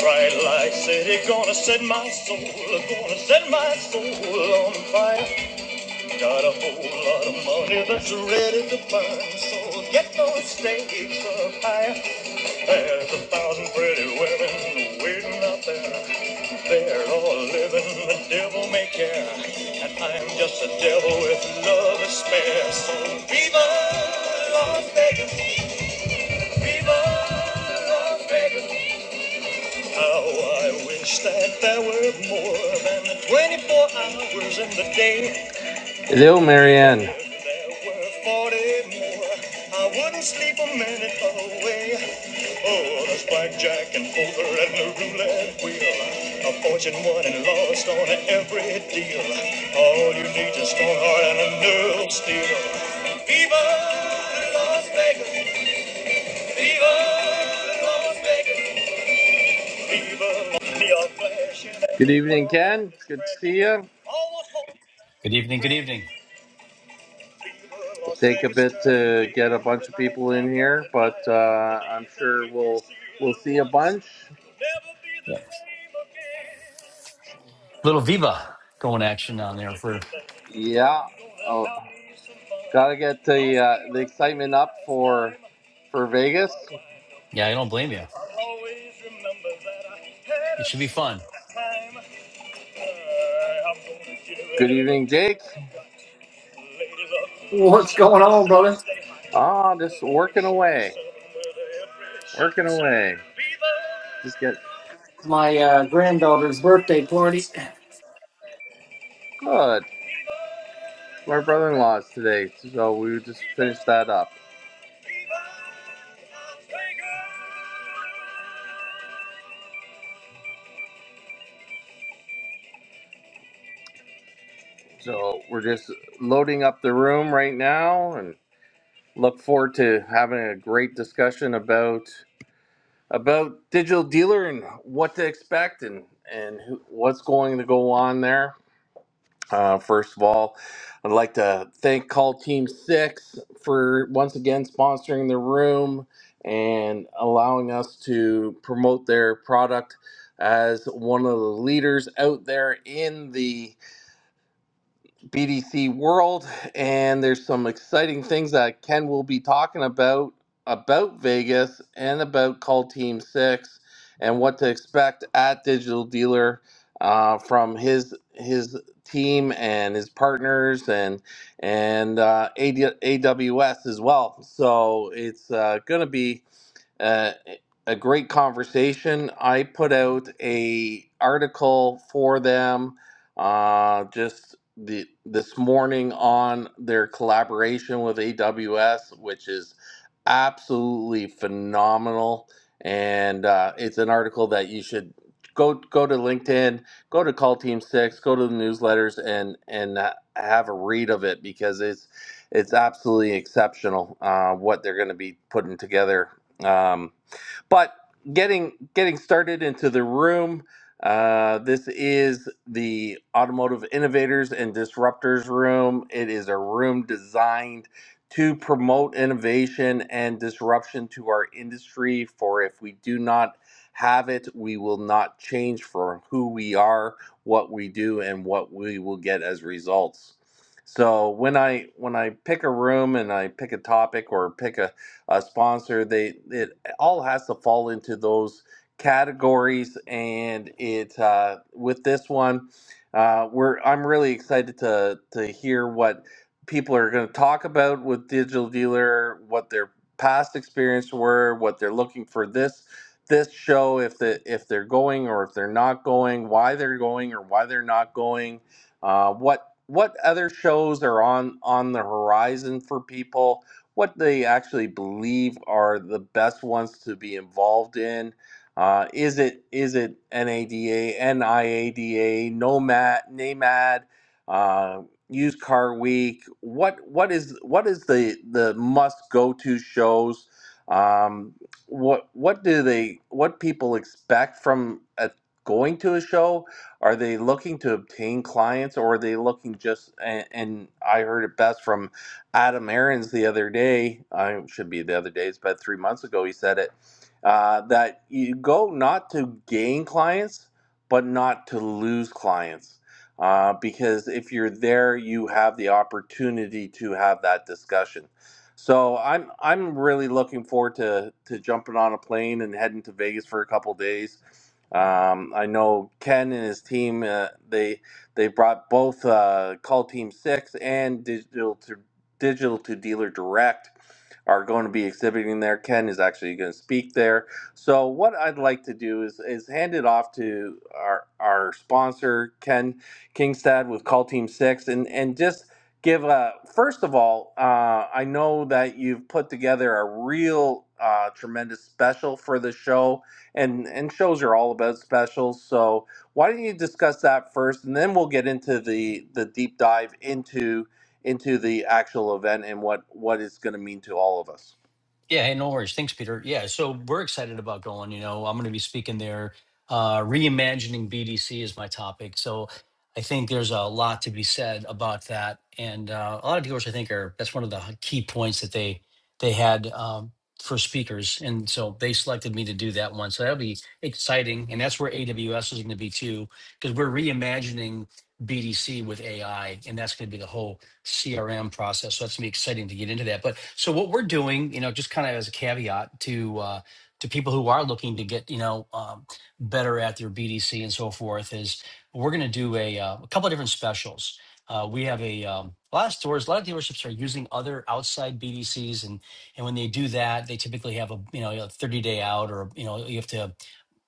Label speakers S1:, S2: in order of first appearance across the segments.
S1: Bright light city, gonna set my soul, gonna set my soul on fire. Got a whole lot of money that's ready to burn, so get those stakes up higher. There's a thousand pretty women waiting out there. They're all living the devil may care, and I'm just a devil with love to spare. So viva Las Vegas, viva Las Vegas. How I wish that there were more than 24 hours in the day. Hello, Marianne. If there were 40 more, I wouldn't sleep a minute away. Oh, there's blackjack and poker and the roulette wheel. A fortune won and lost on every deal. All you need is a strong heart and a nerve of steel. Viva Las Vegas! Viva Las Vegas! Good evening, Ken. Good to see you.
S2: Good evening. Good evening.
S1: It'll take a bit to get a bunch of people in here, but uh, I'm sure we'll we'll see a bunch.
S2: Yeah, Little Viva going action on there for.
S1: Yeah. Oh, gotta get the uh, the excitement up for for Vegas.
S2: Yeah, I don't blame you. It should be fun.
S1: Good evening, Jake.
S3: What's going on, brother?
S1: Ah, just working away. Working away. Just get
S3: My uh, granddaughter's birthday party.
S1: good. My brother in law's today, so we just finished that up. So we're just loading up the room right now and look forward to having a great discussion about about Digital Dealer and what to expect and and who, what's going to go on there. Uh, first of all, I'd like to thank Call Team Six for once again sponsoring the room and allowing us to promote their product as one of the leaders out there in the BDC World, and there's some exciting things that Ken will be talking about about Vegas and about Call Team Six and what to expect at Digital Dealer uh, from his his team and his partners and and uh, AD, AWS as well. So it's uh, going to be uh, a great conversation. I put out a article for them uh, just the, this morning on their collaboration with AWS, which is absolutely phenomenal. And uh, it's an article that you should go go to LinkedIn, go to Call Team Six, go to the newsletters, and and uh, have a read of it because it's it's absolutely exceptional uh, what they're going to be putting together um, but getting getting started into the room, uh, this is the Automotive Innovators and Disruptors Room. It is a room designed to promote innovation and disruption to our industry. For if we do not have it, we will not change for who we are, what we do, and what we will get as results. So when I when I pick a room and I pick a topic or pick a uh, sponsor. They it all has to fall into those categories, and it uh, with this one, uh, we're I'm really excited to to hear what people are going to talk about with Digital Dealer, what their past experience were, what they're looking for this this show if the if they're going or if they're not going, why they're going or why they're not going, uh, what what other shows are on on the horizon for people what they actually believe are the best ones to be involved in. Uh, is it is it NADA, NIADA, NOMAD, NAMAD, uh, Used Car Week? What what is what is the the must go to shows? Um, what what do they what people expect from a, going to a show? Are they looking to obtain clients, or are they looking just and, and I heard it best from Adam Aarons the other day, I should be the other day, it's about three months ago, he said it, uh, that you go not to gain clients, but not to lose clients. Uh, because if you're there, you have the opportunity to have that discussion. So I'm I'm really looking forward to to jumping on a plane and heading to Vegas for a couple days. Um, I know Ken and his team uh, they they brought both uh, Call Team Six and Digital to digital to dealer direct are going to be exhibiting there. Ken is actually going to speak there. So what I'd like to do is is hand it off to our our sponsor Ken Kingstad with Call Team Six, and and just give a first of all, uh, I know that you've put together a real uh, tremendous special for the show, and and shows are all about specials. So why don't you discuss that first, and then we'll get into the the deep dive into into the actual event and what what it's going to mean to all of us.
S2: Yeah, hey, no worries. Thanks, Peter. Yeah, so we're excited about going. You know, I'm going to be speaking there. Uh, reimagining BDC is my topic. So I think there's a lot to be said about that. And uh, a lot of dealers, I think, are that's one of the h- key points that they they had um, for speakers. And so they selected me to do that one. So that'll be exciting. And that's where AWS is going to be too, because we're reimagining BDC with AI, and that's going to be the whole CRM process. So that's gonna be exciting to get into that. But so what we're doing, you know, just kind of as a caveat to uh, to people who are looking to get, you know, um, better at their BDC and so forth, is we're gonna do a, uh, a couple of different specials. Uh, we have a, um, a lot of stores, a lot of dealerships are using other outside BDCs, and and when they do that, they typically have a you know a thirty day out, or you know you have to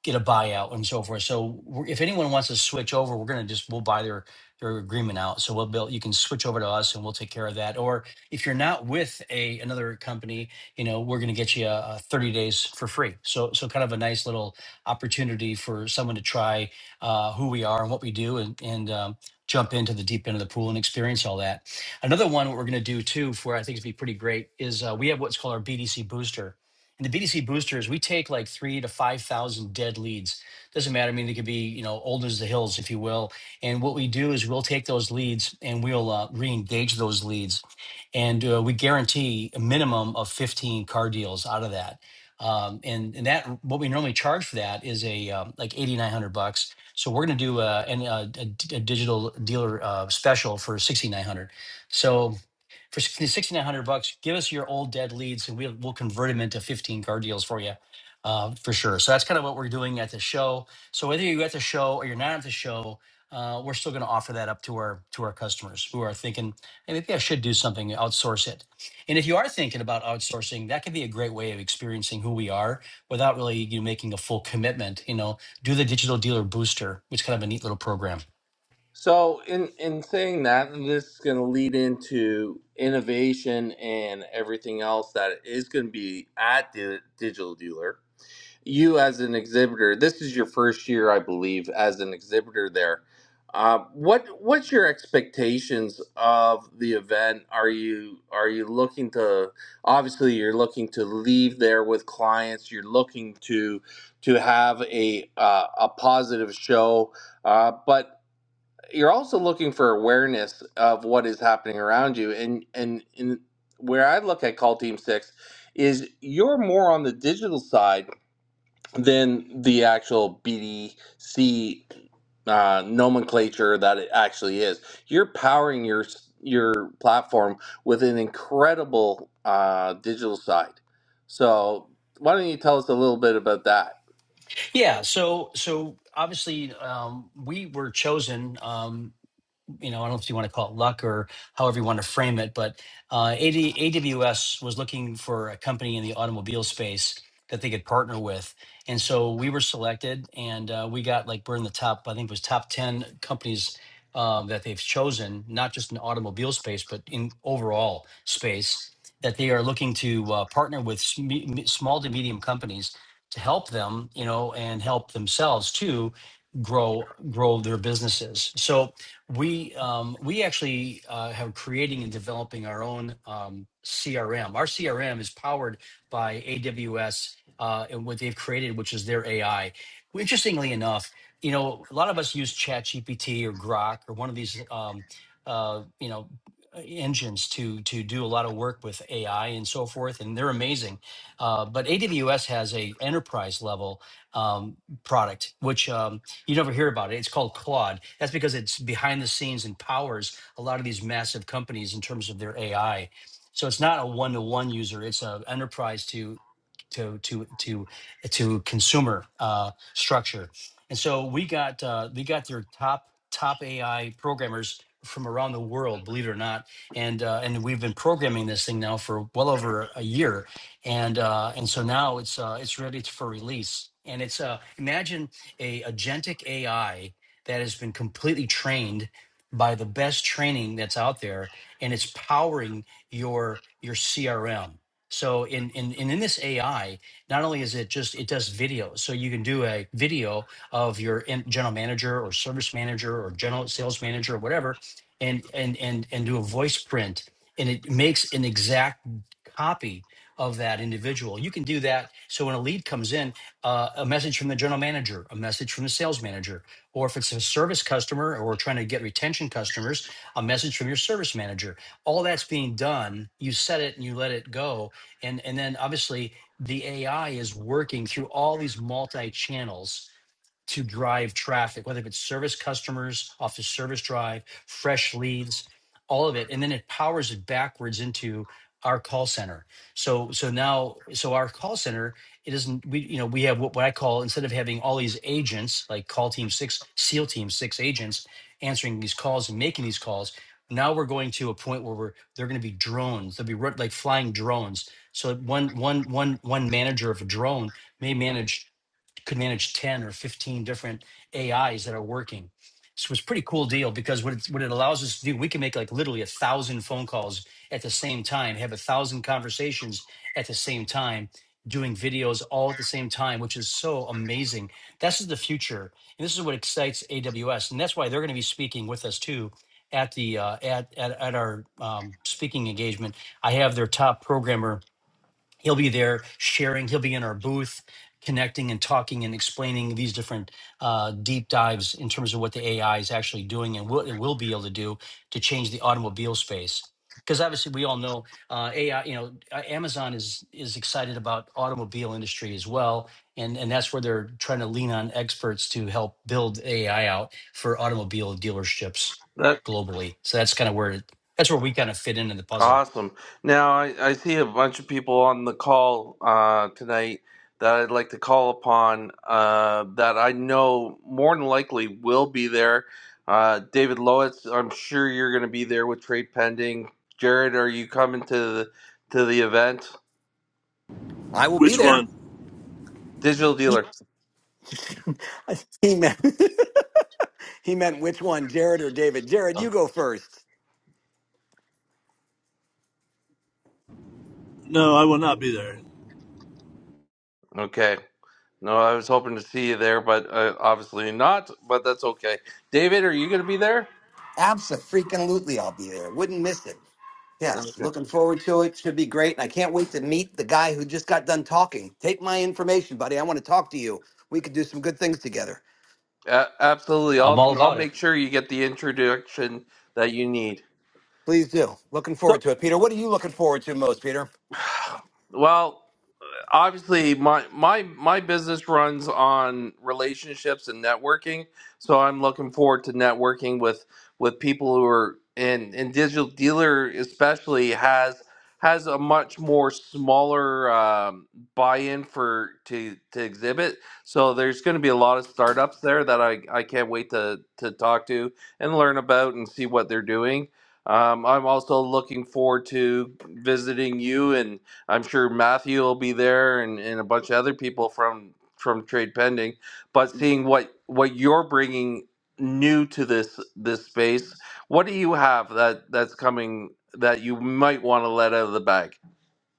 S2: get a buyout and so forth. So we're- if anyone wants to switch over, we're going to just we'll buy their their agreement out. So we'll build, you can switch over to us and we'll take care of that. Or if you're not with a, another company, you know, we're going to get you a, a 30 days for free. So, so kind of a nice little opportunity for someone to try uh, who we are and what we do and, and, um, jump into the deep end of the pool and experience all that. Another one, what we're going to do too, for I think it'd be pretty great, is uh, we have what's called our BDC booster. And the BDC booster is we take like three to five thousand dead leads. Doesn't matter. I mean, they could be you know old as the hills, if you will, and what we do is we'll take those leads and we'll uh, re-engage those leads, and uh, we guarantee a minimum of 15 car deals out of that. Um, and, and that what we normally charge for that is a um, like 8,900 bucks. So we're going to do a, an, a, a d- a digital dealer uh, special for 6,900. So for 6900 bucks give us your old dead leads and we'll, we'll convert them into 15 car deals for you uh, for sure so that's kind of what we're doing at the show so whether you're at the show or you're not at the show uh, we're still going to offer that up to our to our customers who are thinking hey maybe i should do something outsource it and if you are thinking about outsourcing that could be a great way of experiencing who we are without really you know, making a full commitment you know do the digital dealer booster which is kind of a neat little program
S1: So, in in saying that, and this is going to lead into innovation and everything else that is going to be at the digital dealer. you as an exhibitor this is your first year i believe as an exhibitor there uh, what what's your expectations of the event are you are you looking to obviously you're looking to leave there with clients you're looking to to have a uh, a positive show uh, but you're also looking for awareness of what is happening around you and and, and where i look at call team six is you're more on the digital side than the actual BDC uh, nomenclature that it actually is. You're powering your your platform with an incredible uh, digital side. So why don't you tell us a little bit about that?
S2: Yeah, so so obviously um, we were chosen. Um, you know, I don't know if you want to call it luck or however you want to frame it, but uh, AD, AWS was looking for a company in the automobile space that they could partner with. And so we were selected and uh, we got like, we're in the top, I think it was top 10 companies um, that they've chosen, not just in automobile space, but in overall space that they are looking to uh, partner with sm- me- small to medium companies to help them, you know, and help themselves too grow grow their businesses. So we um, we actually uh, have creating and developing our own um, CRM. Our CRM is powered by AWS uh, and what they've created, which is their AI. Interestingly enough, you know, a lot of us use ChatGPT or Grok or one of these, um, uh, you know, engines to to do a lot of work with AI and so forth, and they're amazing. Uh, but AWS has a enterprise level um, product, which um, you never hear about it. It's called Claude. That's because it's behind the scenes and powers a lot of these massive companies in terms of their AI. So it's not a one to one user. It's an enterprise to to to to to consumer uh, structure. And so we got uh, we got their top top AI programmers from around the world, believe it or not. And uh, and we've been programming this thing now for well over a year, and uh, and so now it's uh, it's ready for release. And it's uh, imagine a agentic AI that has been completely trained by the best training that's out there, and it's powering your your CRM. So in in and in this AI, not only is it just it does video, so you can do a video of your in- general manager or service manager or general sales manager or whatever, and and and and do a voice print, and it makes an exact copy of that individual. You can do that. So when a lead comes in, uh, a message from the general manager, a message from the sales manager, or if it's a service customer or we're trying to get retention customers, a message from your service manager. All that's being done. You set it and you let it go, and and then obviously the AI is working through all these multi channels to drive traffic, whether it's service customers off the service drive, fresh leads, all of it. And then it powers it backwards into our call center. So so now so our call center, it isn't we you know, we have what, what I call instead of having all these agents like call team six, SEAL team six agents answering these calls and making these calls. Now we're going to a point where we're they're going to be drones. They'll be ru- like flying drones. So one one one one manager of a drone may manage could manage 10 or 15 different AIs that are working. So it was a pretty cool deal because what it, what it allows us to do, we can make like literally a thousand phone calls at the same time, have a thousand conversations at the same time, doing videos all at the same time, which is so amazing. This is the future. And this is what excites AWS. And that's why they're going to be speaking with us too at the uh, at, at at our um, speaking engagement. I have their top programmer he'll be there sharing he'll be in our booth connecting and talking and explaining these different uh, deep dives in terms of what the ai is actually doing and what it will be able to do to change the automobile space because obviously we all know uh, ai you know A- amazon is is excited about automobile industry as well and and that's where they're trying to lean on experts to help build ai out for automobile dealerships globally so that's kind of where it, that's where we kind of fit into the puzzle
S1: Awesome. Now, I, I see a bunch of people on the call uh, tonight that I'd like to call upon uh, that I know more than likely will be there. Uh, David Lowitz, I'm sure you're going to be there with trade pending. Jared, are you coming to the, to the event?
S4: I will be
S5: Which
S4: there.
S5: one?
S1: Digital dealer.
S4: He meant he meant which one, Jared or David? Jared,
S1: Oh,
S4: you go first.
S5: No, I will not be there.
S1: Okay. No, I was hoping to see you there, but uh, obviously not. But that's okay. David, are you going to be there?
S4: Absolutely, I'll be there. Wouldn't miss it.
S1: Okay.
S4: Yes, looking forward to it. Should be great, and I can't wait to meet the guy who just got done talking. Take my information, buddy. I want to talk to you. We could do some good things together.
S1: A- absolutely.
S2: i'm
S1: I'll
S2: all
S1: I'll
S2: about it
S1: make sure you get the introduction that you need.
S4: Please do. Looking forward
S1: So
S4: to it, Peter. What are you looking forward to most, Peter?
S1: Well. obviously my my my business runs on relationships and networking so i'm looking forward to networking with with people who are in in digital dealer especially has has a much more smaller um, buy-in for to to exhibit so there's going to be a lot of startups there that i i can't wait to to talk to and learn about and see what they're doing um, i'm also looking forward to visiting you and. I'm sure Matthew will be there and, and a bunch of other people from from Trade Pending. But seeing what what you're bringing new to this this space, what do you have that that's coming that you might want to let out of the bag?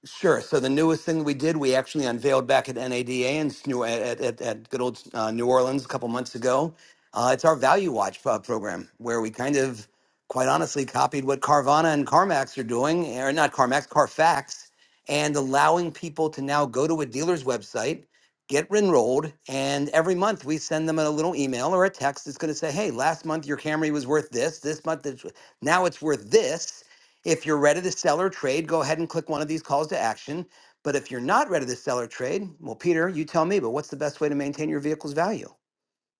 S4: Sure. So the newest thing we did, we actually unveiled back at NADA and at, at, at good old uh, New Orleans a couple months ago. Uh, it's our Value Watch uh, program, where we kind of, quite honestly, copied what Carvana and CarMax are doing, eh, or not CarMax, CarFax, and allowing people to now go to a dealer's website, get enrolled, and every month we send them a little email or a text that's going to say, "Hey, last month your Camry was worth this. This month it's now it's worth this." If you're ready to sell or trade, go ahead and click one of these calls to action. But if you're not ready to sell or trade, well, Peter, you tell me, but what's the best way to maintain your vehicle's value?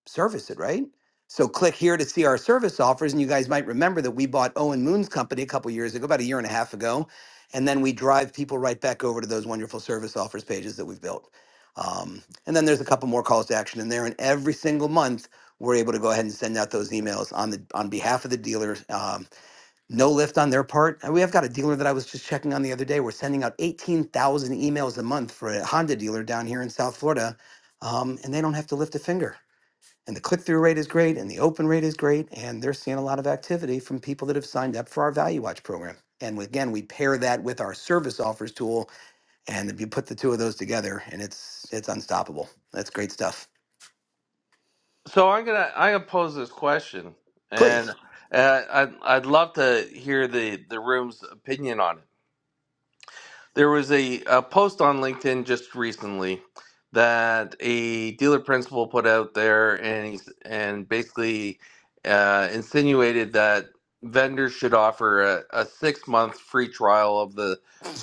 S4: Service it, right? So click here to see our service offers. And you guys might remember that we bought Owen Moon's company a couple years ago, about a year and a half ago. And then we drive people right back over to those wonderful service offers pages that we've built. Um, and then there's a couple more calls to action in there. And every single month, we're able to go ahead and send out those emails on the on behalf of the dealer um, no lift on their part. And we have got a dealer that I was just checking on the other day. We're sending out 18,000 emails a month for a Honda dealer down here in South Florida, um, and they don't have to lift a finger. And the click through rate is great, and the open rate is great, and they're seeing a lot of activity from people that have signed up for our Value Watch program. And again, we pair that with our service offers tool, and if you put the two of those together, and it's it's unstoppable. That's great stuff.
S1: So I'm gonna I'm gonna pose this question, and
S4: Please.
S1: uh, I'd I'd love to hear the the room's opinion on it There was a, a post on LinkedIn just recently that a dealer principal put out there, and he's and basically uh, insinuated that vendors should offer a, a six month free trial of the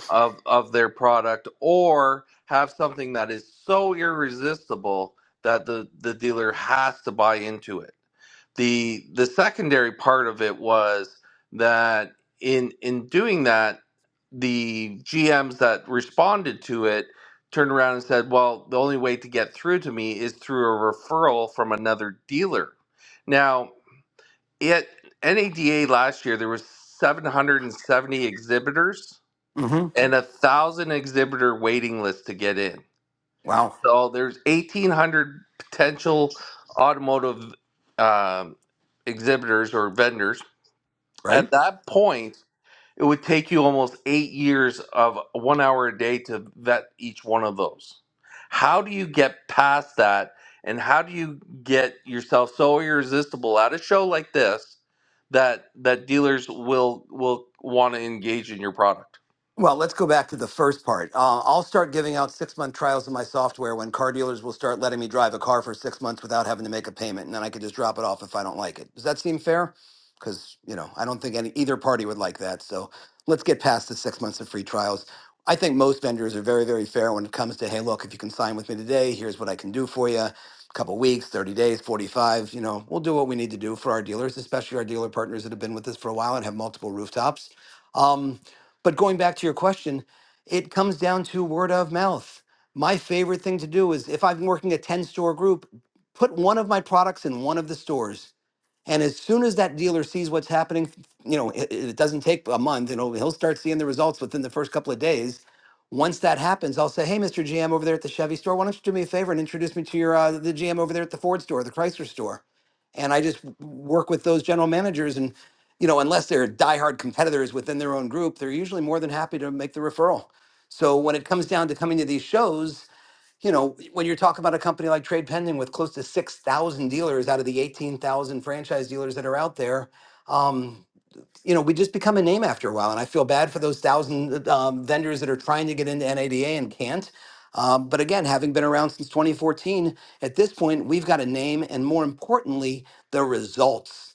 S1: of of their product or have something that is so irresistible that the the dealer has to buy into it the the secondary part of it was that in in doing that the gms that responded to it turned around and said well the only way to get through to me is through a referral from another dealer now at nada last year there was 770 exhibitors
S4: hmm
S1: and a thousand exhibitor waiting list to get in.
S4: Wow.
S1: So there's 1,800 potential automotive um, exhibitors or vendors.
S4: Right.
S1: At that point, it would take you almost eight years of one hour a day to vet each one of those. How do you get past that? And how do you get yourself so irresistible at a show like this that that dealers will will want to engage in your product?
S4: Well, let's go back to the first part. Uh, I'll start giving out six month trials of my software when car dealers will start letting me drive a car for six months without having to make a payment, and then I could just drop it off if I don't like it. Does that seem fair? Because you know, I don't think any either party would like that. So let's get past the six months of free trials. I think most vendors are very, very fair when it comes to hey, look, if you can sign with me today, here's what I can do for you. A couple weeks, 30 days, 45. You know, we'll do what we need to do for our dealers, especially our dealer partners that have been with us for a while and have multiple rooftops. Um, but going back to your question, it comes down to word of mouth. My favorite thing to do is if I'm working a 10 store group, put one of my products in one of the stores and as soon as that dealer sees what's happening, you know, it, it doesn't take a month, you know, he'll start seeing the results within the first couple of days. Once that happens, I'll say, hey, Mr. GM over there at the Chevy store, why don't you do me a favor and introduce me to your, uh, the GM over there at the Ford store, the Chrysler store. And I just w- work with those general managers. And, you know, unless they're diehard competitors within their own group, they're usually more than happy to make the referral. So when it comes down to coming to these shows, you know, when you're talking about a company like Trade Pending with close to 6,000 dealers out of the 18,000 franchise dealers that are out there, um, you know, we just become a name after a while. And I feel bad for those thousand um, vendors that are trying to get into NADA and can't. Um, but again, having been around since 2014, at this point, we've got a name and more importantly, the results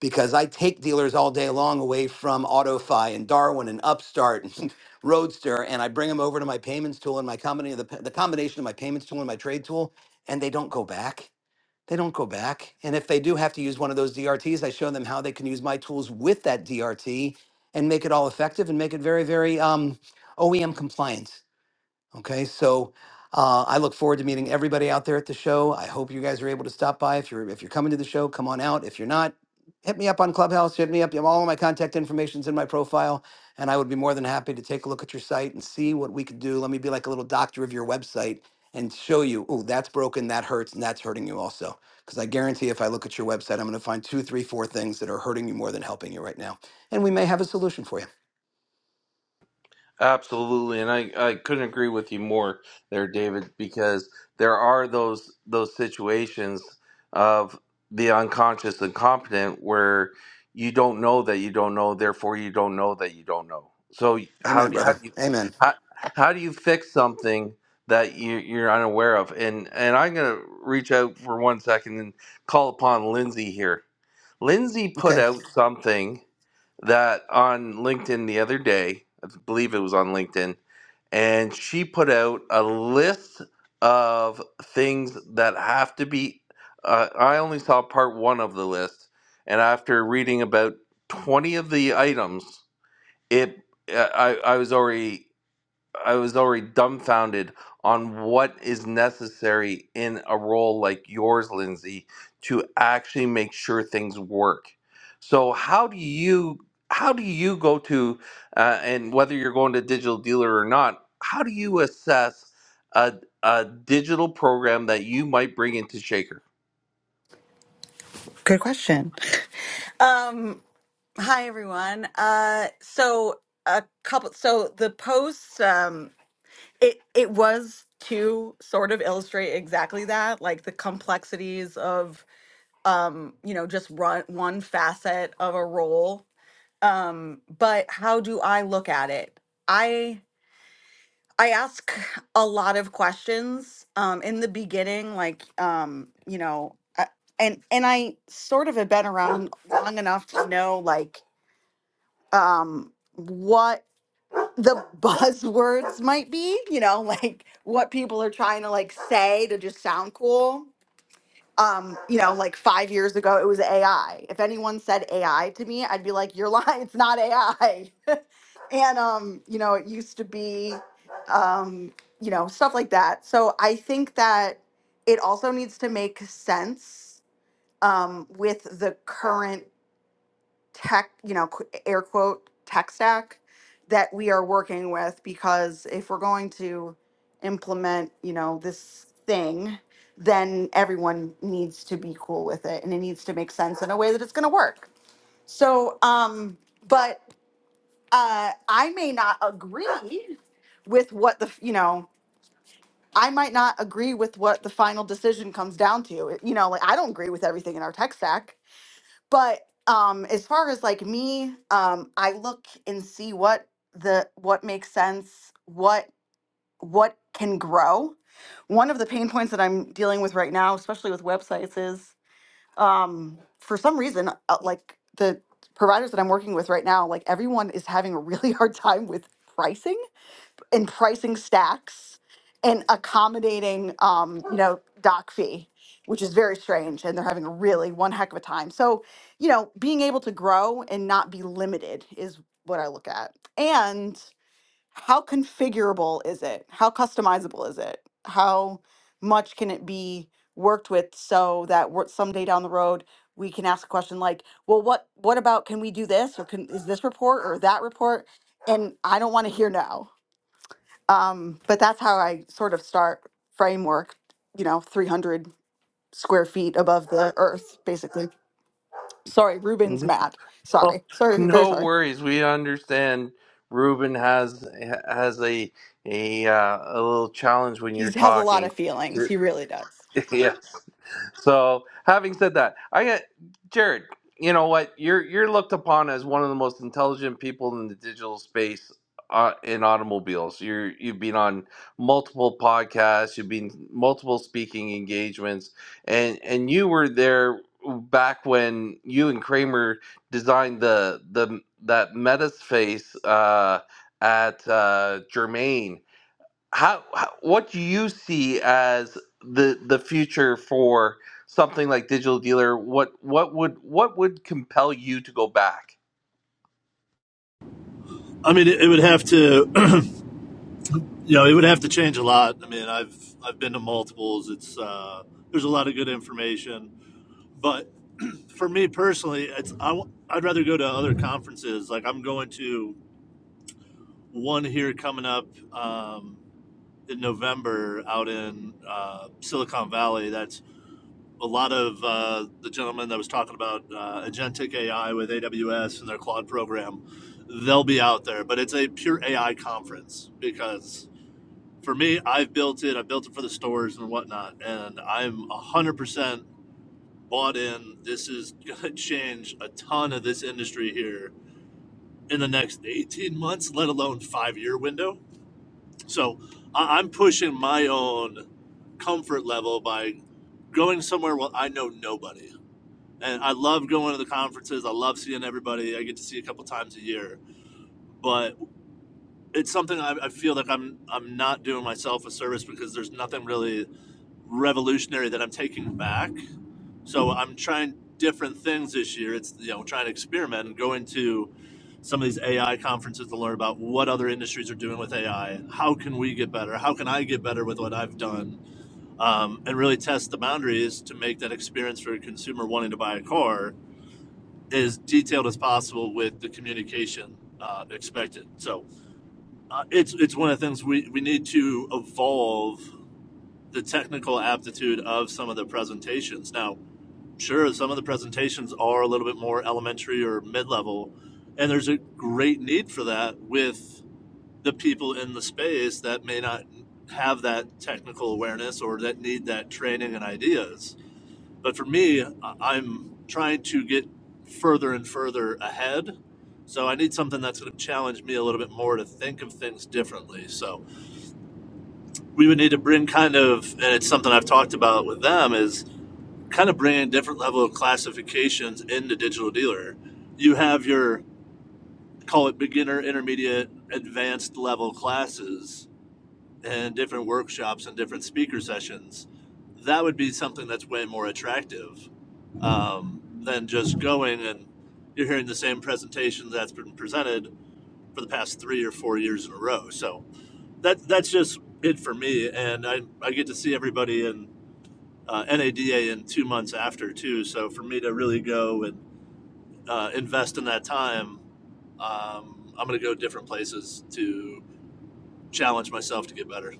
S4: because I take dealers all day long away from AutoFi and Darwin and Upstart and Roadster, and I bring them over to my payments tool and my combination, the, p- the combination of my payments tool and my trade tool, and they don't go back. They don't go back. And if they do have to use one of those DRTs, I show them how they can use my tools with that DRT and make it all effective and make it very, very um, OEM compliant. Okay, so uh, I look forward to meeting everybody out there at the show. I hope you guys are able to stop by. If you're if you're coming to the show, come on out. If you're not, hit me up on Clubhouse. Hit me up. All of my contact information's in my profile, and I would be more than happy to take a look at your site and see what we could do. Let me be like a little doctor of your website and show you. Oh, that's broken. That hurts, and that's hurting you also. Because I guarantee, if I look at your website, I'm going to find two, three, four things that are hurting you more than helping you right now, and we may have a solution for you.
S1: Absolutely, and I, I couldn't agree with you more there, David, because there are those those situations of the unconscious and competent where you don't know that you don't know, therefore you don't know that you don't know. So how
S4: Amen,
S1: do how
S4: brother.
S1: do you
S4: Amen.
S1: how, how do you fix something that you you're unaware of? And and I'm gonna reach out for one second and call upon Lindsay here. Lindsay put
S4: Okay.
S1: out something that on LinkedIn the other day. I believe it was on LinkedIn, and she put out a list of things that have to be. Uh, I only saw part one of the list, and after reading about twenty of the items, it uh, I I was already I was already dumbfounded on what is necessary in a role like yours, Lindsay, to actually make sure things work. So how do you how do you go to uh, and whether you're going to digital dealer or not? How do you assess a a digital program that you might bring into Shaker?
S6: Good question. Um, hi everyone. Uh, so a couple. So the posts. Um, it it was to sort of illustrate exactly that, like the complexities of um, you know, just run one facet of a role. Um, but how do I look at it? I I ask a lot of questions um, in the beginning, like um, you know, I, and and I sort of have been around long enough to know like um, what the buzzwords might be, you know, like what people are trying to like say to just sound cool um, you know, like five years ago, it was AI. If anyone said AI to me, I'd be like, "You're lying. It's not AI." and um, you know, it used to be, um, you know, stuff like that. So I think that it also needs to make sense um, with the current tech, you know, qu- air quote tech stack that we are working with because if we're going to implement, you know, this thing, then everyone needs to be cool with it and it needs to make sense in a way that it's going to work. So, um but uh I may not agree with what the, you know, I might not agree with what the final decision comes down to. You know, like I don't agree with everything in our tech stack but um as far as like me um i look and see what the what makes sense what what can grow one of the pain points that i'm dealing with right now especially with websites is um for some reason uh, like the providers that i'm working with right now like everyone is having a really hard time with pricing and pricing stacks and accommodating, um, you know, doc fee, which is very strange. And they're having a really one heck of a time. So, you know, being able to grow and not be limited is what I look at. And how configurable is it? How customizable is it? How much can it be worked with so that we're, someday down the road we can ask a question like, well, what what about can we do this or can is this report or that report? And I don't want to hear no. Um, but that's how I sort of start framework, you know, 300 square feet above the earth, basically. Sorry, Ruben's
S1: No,
S6: mad. Sorry. Sorry, very
S1: no
S6: sorry.
S1: worries. We understand. Ruben has has a a uh, a little challenge when
S6: He
S1: you're
S6: has a lot
S1: talking.
S6: of feelings. He really does.
S1: yes. So, having said that, I get Jared. You know what? You're you're looked upon as one of the most intelligent people in the digital space uh, in automobiles. You're you've been on multiple podcasts. You've been multiple speaking engagements, and and you were there back when you and Kramer designed the the that Metaspace uh, at uh, Germain how, how what do you see as the the future for something like digital dealer what what would what would compel you to go back
S5: I mean, it, it would have to, you know, it would have to change a lot. I mean, I've I've been to multiples. It's uh, there's a lot of good information, but for me personally, it's I, w- I'd rather go to other conferences. Like I'm going to one here coming up um, in November out in uh, Silicon Valley. That's a lot of uh, the gentleman that was talking about uh, agentic AI with AWS and their Claude program, they'll be out there. But it's a pure AI conference because for me, I've built it. I built it for the stores and whatnot, and I'm one hundred percent bought in. This is going to change a ton of this industry here in the next 18 months, let alone five year window. So I- I'm pushing my own comfort level by going somewhere where I know nobody and I love going to the conferences. I love seeing everybody. I get to see a couple times a year, but it's something I, I feel like I'm I'm not doing myself a service because there's nothing really revolutionary that I'm taking back. So I'm trying different things this year. It's you know trying to experiment and going to some of these AI conferences to learn about what other industries are doing with AI. How can we get better? How can I get better with what I've done? Um, and really test the boundaries to make that experience for a consumer wanting to buy a car as detailed as possible with the communication uh, expected. So uh, it's it's one of the things we, we need to evolve the technical aptitude of some of the presentations. Now, sure, some of the presentations are a little bit more elementary or mid level, and there's a great need for that with the people in the space that may not have that technical awareness or that need that training and ideas but for me, I- am trying to get further and further ahead. So I need something that's going to challenge me a little bit more to think of things differently. So we would need to bring kind of, and it's something I've talked about with them, is kind of bringing different level of classifications into digital dealer. You have your call it beginner, intermediate, advanced level classes and different workshops and different speaker sessions, that would be something that's way more attractive um, than just going and you're hearing the same presentation that's been presented for the past three or four years in a row. So that that's just it for me, and I I get to see everybody in uh, NADA in two months after too. So for me to really go and uh, invest in that time, um, I'm going to go different places to challenge myself to get better.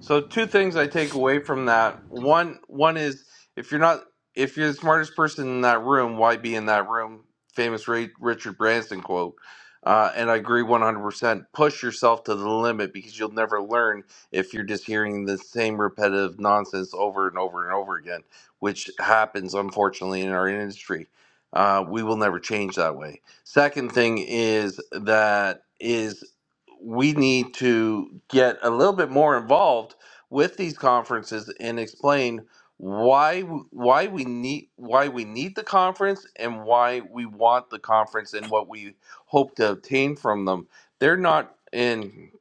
S1: So two things I take away from that. One one is if you're not if you're the smartest person in that room, why be in that room? Famous Ray, Richard Branson quote. Uh, and I agree 100%. Push yourself to the limit because you'll never learn if you're just hearing the same repetitive nonsense over and over and over again, which happens unfortunately in our industry. Uh, we will never change that way. Second thing is that is we need to get a little bit more involved with these conferences and explain why w- why we need why we need the conference and why we want the conference and what we hope to obtain from them. They're not in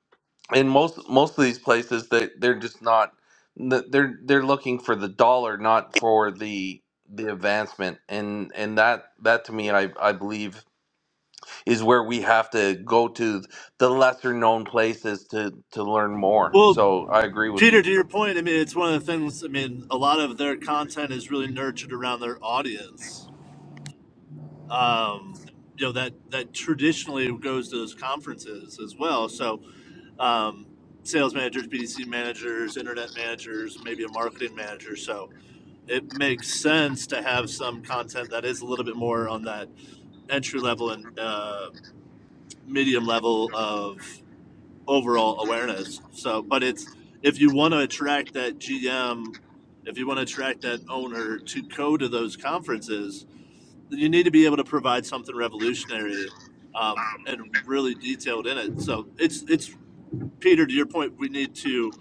S1: in most most of these places that they're just not th- they're they're looking for the dollar not for the the advancement and and that that to me I I believe is where we have to go to the lesser known places to to learn more.
S5: Well,
S1: So I agree with you.
S5: Peter, to your point, I mean, it's one of the things. I mean, a lot of their content is really nurtured around their audience. Um, you know that that traditionally goes to those conferences as well. So, um, sales managers, BDC managers, internet managers, maybe a marketing manager. So it makes sense to have some content that is a little bit more on that entry level and uh, medium level of overall awareness. So, but it's if you want to attract that GM, if you want to attract that owner to go to those conferences, you need to be able to provide something revolutionary um, and really detailed in it. So it's it's Peter. To your point, we need to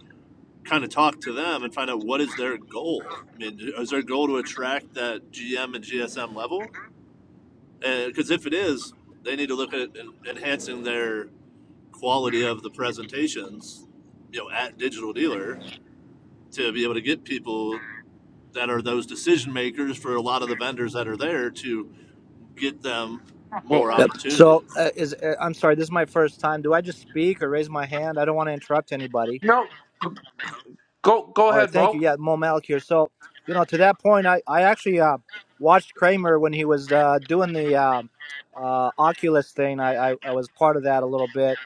S5: kind of talk to them and find out what is their goal. I mean, is their goal to attract that GM and GSM level? Because if it is, they need to look at enhancing their quality of the presentations, you know, at Digital Dealer to be able to get people that are those decision makers for a lot of the vendors that are there to get them
S7: Well,
S5: more
S8: Yep. So,
S5: opportunity.
S8: uh, is uh, I'm sorry, this is my first time. Do I just speak or raise my hand? I don't want to interrupt anybody.
S1: No, go go
S8: All right,
S1: ahead,
S8: thank you.
S1: Bo.
S8: Yeah, Mo Malik here. So, you know, to that point, I I actually uh, watched Kramer when he was uh, doing the um uh, Oculus thing. I, I I was part of that a little bit,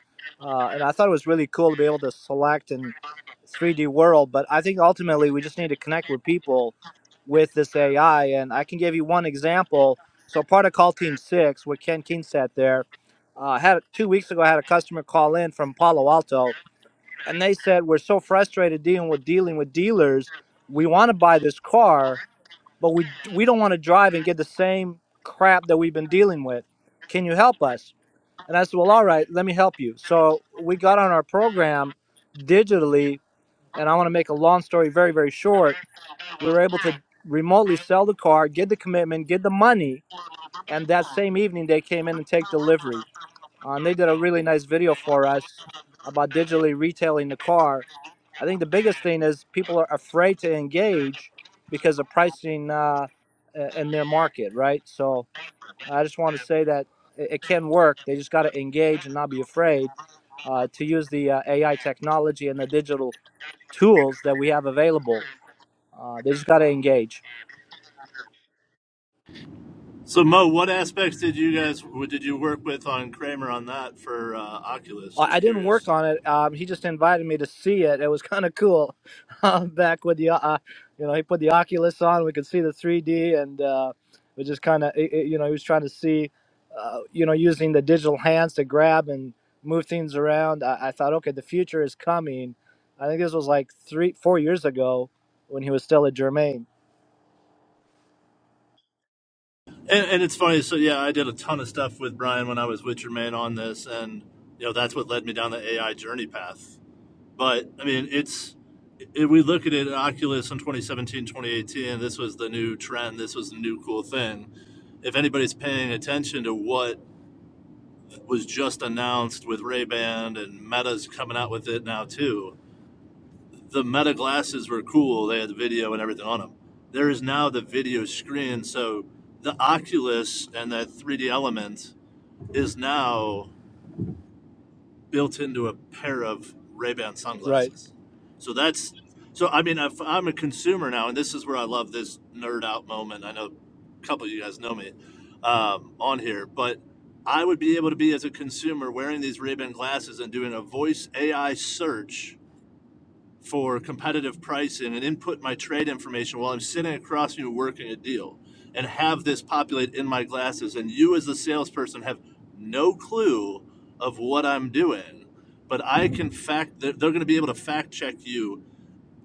S8: uh, and I thought it was really cool to be able to select in 3D world. But I think ultimately we just need to connect with people with this AI. And I can give you one example. So part of Call Team Six, with Ken Kingsat there, uh, had two weeks ago, I had a customer call in from Palo Alto, and they said we're so frustrated dealing with dealing with dealers. We want to buy this car, but we we don't want to drive and get the same crap that we've been dealing with. Can you help us? And I said, well, all right, let me help you. So we got on our program digitally, and I want to make a long story very, very short we were able to remotely sell the car, get the commitment, get the money, and that same evening they came in and take delivery. Uh, and they did a really nice video for us about digitally retailing the car. I think the biggest thing is people are afraid to engage because of pricing uh, in their market, right? So I just want to say that it, it can work. They just got to engage and not be afraid uh, to use the uh, AI technology and the digital tools that we have available. Uh, they just got to engage.
S5: So Mo, what aspects did you guys did you work with on Kramer on that for uh, Oculus?
S8: I
S5: Just
S8: didn't work
S5: curious.
S8: on it. Um, he just invited me to see it. It was kind of cool. Uh, back with the, uh, you know, he put the Oculus on. We could see the 3D, and uh, we just kind of, you know, he was trying to see, uh, you know, using the digital hands to grab and move things around. I, I thought, okay, the future is coming. I think this was like three, four years ago when he was still at Germain.
S5: And, and it's funny. So yeah, I did a ton of stuff with Brian when I was Witcher Man on this, and you know that's what led me down the AI journey path. But I mean, it's if we look at it at Oculus in 2017, 2018, this was the new trend, this was the new cool thing. If anybody's paying attention to what was just announced with Ray-Ban and Meta's coming out with it now too, the Meta glasses were cool. They had the video and everything on them. There is now the video screen, so the Oculus and that 3D element is now built into a pair of Ray-Ban
S8: Right.
S5: sunglasses. So that's so I mean if I'm a consumer now and this is where I love this nerd out moment. I know a couple of you guys know me um, on here, but I would be able to be as a consumer wearing these Ray-Ban glasses and doing a voice AI search for competitive pricing and input my trade information while I'm sitting across from you working a deal and have this populate in my glasses. And you, as the salesperson, have no clue of what I'm doing, but I can fact, they're, they're going to be able to fact check you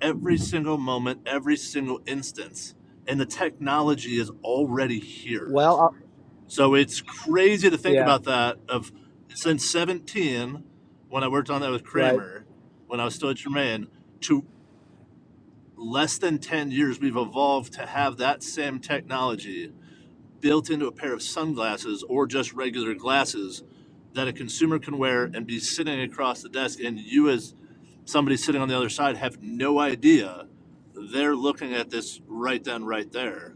S5: every single moment, every single instance. And the technology is already here.
S8: Well, uh,
S5: So it's crazy to think
S8: yeah.
S5: about that. Of since 17, when I worked on that with
S8: Right.
S5: Kramer, when I was still at Germain, to less than 10 years, we've evolved to have that same technology built into a pair of sunglasses or just regular glasses that a consumer can wear and be sitting across the desk. And you, as somebody sitting on the other side, have no idea they're looking at this right then, right there,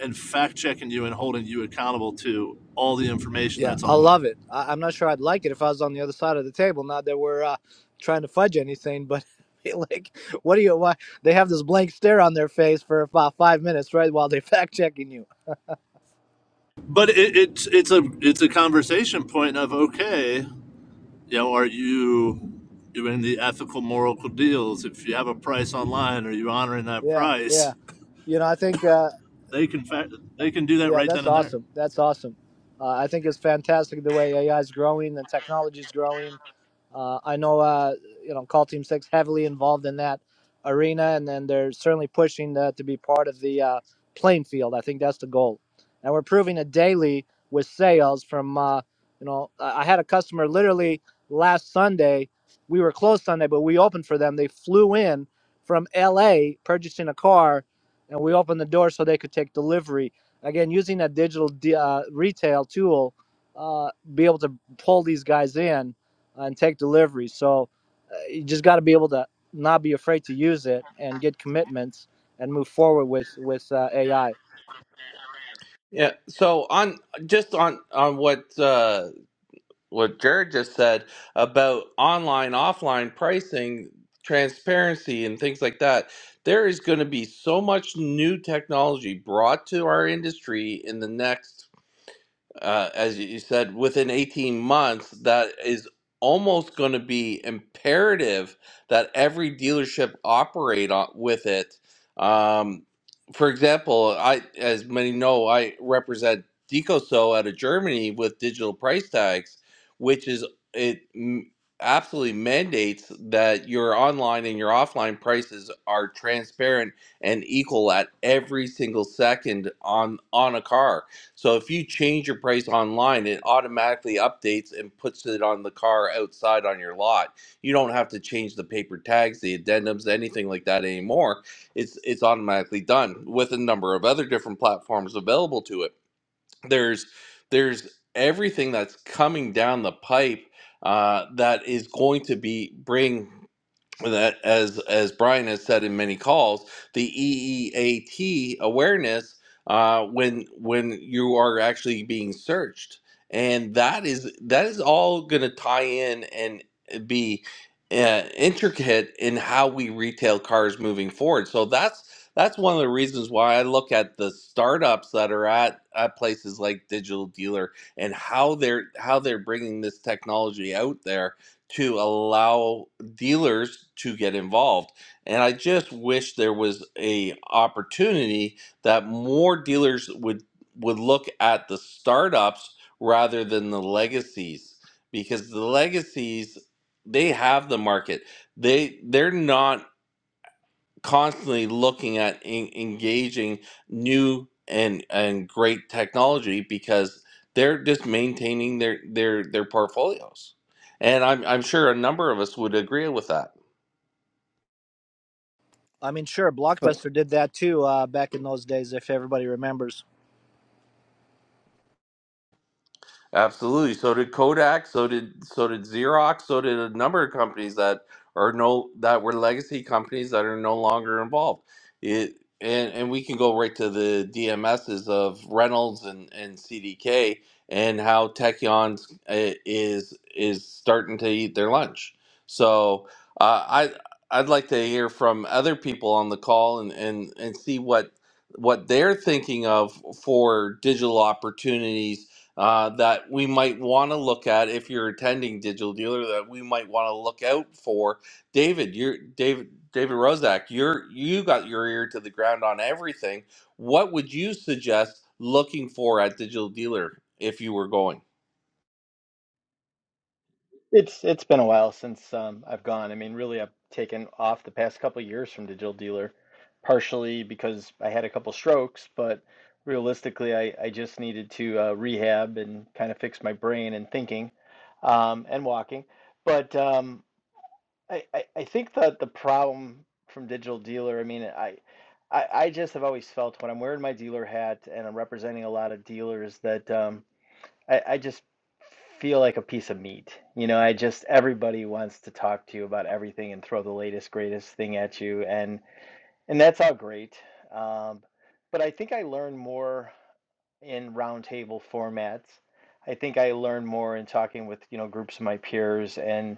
S5: and fact checking you and holding you accountable to all the information
S8: Yeah,
S5: that's
S8: I love
S5: online.
S8: it. I, I'm not sure I'd like it if I was on the other side of the table. Not that we're uh, trying to fudge anything, but like, what do you? Why they have this blank stare on their face for about five minutes, right, while they fact checking you?
S5: But it, it's it's a it's a conversation point of okay, you know, are you doing the ethical, moral deals? If you have a price online, are you honoring that
S8: Yeah, yeah.
S5: price?
S8: You know, I think, uh,
S5: They can fact, they can do that
S8: yeah,
S5: right
S8: that's
S5: then and there.
S8: awesome. That's awesome. Uh, I think it's fantastic the way AI is growing and technology is growing Uh, I know, uh, you know, Call Team Six heavily involved in that arena, and then they're certainly pushing to, to be part of the uh, playing field. I think that's the goal, and we're proving it daily with sales. From uh, you know, I I had a customer literally last Sunday. We were closed Sunday, but we opened for them. They flew in from L.A. purchasing a car, and we opened the door so they could take delivery. Again, using that digital d- uh, retail tool, uh, be able to pull these guys in and take delivery. So uh, you just got to be able to not be afraid to use it and get commitments and move forward with with uh, AI. I
S1: Yeah. So on just on on what uh, what Jared just said about online offline pricing transparency and things like that, there is going to be so much new technology brought to our industry in the next uh, as you said, within 18 months, that is almost going to be imperative that every dealership operate on, with it. Um, for example, I, as many know, I represent Decoso out of Germany with digital price tags, which is it m- absolutely mandates that your online and your offline prices are transparent and equal at every single second on on a car so if you change your price online, it automatically updates and puts it on the car outside on your lot. You don't have to change the paper tags, the addendums, anything like that anymore. It's it's automatically done with a number of other different platforms available to it. There's there's everything that's coming down the pipe uh, that is going to be bring that as as Brian has said in many calls, the EEAT awareness uh, when when you are actually being searched, and that is that is all going to tie in and be uh, intricate in how we retail cars moving forward. So that's that's one of the reasons why I look at the startups that are at, at places like Digital Dealer and how they're how they're bringing this technology out there to allow dealers to get involved and i just wish there was a opportunity that more dealers would would look at the startups rather than the legacies because the legacies they have the market they they're not constantly looking at en- engaging new and and great technology because they're just maintaining their their their portfolios and i'm i'm sure a number of us would agree with that
S8: I mean, sure, Blockbuster did that too uh, back in those days, if everybody remembers.
S1: Absolutely. So did Kodak. So did so did Xerox. So did a number of companies that are no that were legacy companies that are no longer involved. It and and we can go right to the DMSs of Reynolds and and CDK and how Techion is is starting to eat their lunch. So uh, I I'd like to hear from other people on the call and and and see what what they're thinking of for digital opportunities uh, that we might want to look at if you're attending Digital Dealer that we might want to look out for. David, you're David David Rozak, you're you got your ear to the ground on everything. What would you suggest looking for at Digital Dealer if you were going?
S9: It's it's been a while since um, I've gone. I mean, really, I've taken off the past couple years from Digital Dealer, partially because I had a couple strokes, but realistically, I, I just needed to uh, rehab and kind of fix my brain and thinking, um, and walking. But um, I, I I think that the problem from Digital Dealer, I mean, I, I I just have always felt when I'm wearing my dealer hat and I'm representing a lot of dealers that. Um, I, I just feel like a piece of meat. You know, I just everybody wants to talk to you about everything and throw the latest greatest thing at you, and and that's all great. Um, but I think I learn more in roundtable formats. I think I learn more in talking with you know groups of my peers and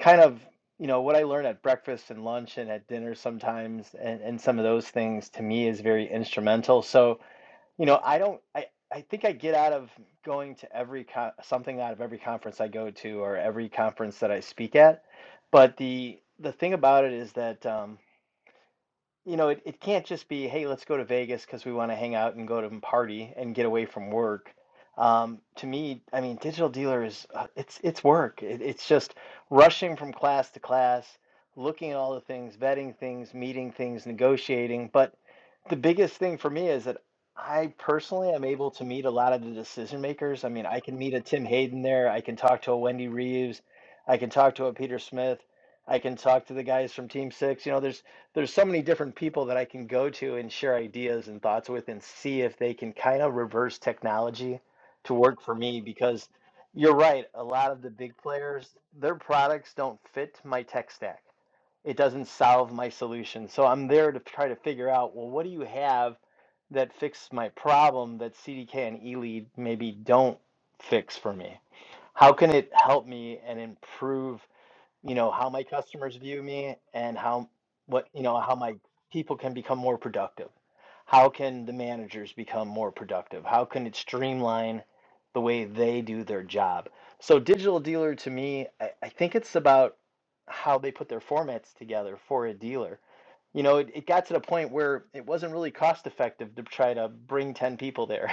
S9: kind of you know what I learn at breakfast and lunch and at dinner sometimes and, and some of those things to me is very instrumental. So you know, I don't. I I think I get out of going to every con something out of every conference I go to or every conference that I speak at. But the the thing about it is that um, you know, it, it can't just be, hey, let's go to Vegas because we want to hang out and go to and party and get away from work. Um, to me, I mean, digital dealer is uh, it's it's work. It, it's just rushing from class to class, looking at all the things, vetting things, meeting things, negotiating. But the biggest thing for me is that I personally am able to meet a lot of the decision makers. I mean, I can meet a Tim Hayden there. I can talk to a Wendy Reeves. I can talk to a Peter Smith. I can talk to the guys from Team Six. You know, there's there's so many different people that I can go to and share ideas and thoughts with and see if they can kind of reverse technology to work for me because you're right, a lot of the big players, their products don't fit my tech stack. It doesn't solve my solution. So I'm there to try to figure out, well, what do you have that fixes my problem that CDK and eLead maybe don't fix for me? How can it help me and improve you know how my customers view me and how what you know how my people can become more productive how can the managers become more productive how can it streamline the way they do their job so digital dealer to me i, I think it's about how they put their formats together for a dealer you know it, it got to the point where it wasn't really cost effective to try to bring 10 people there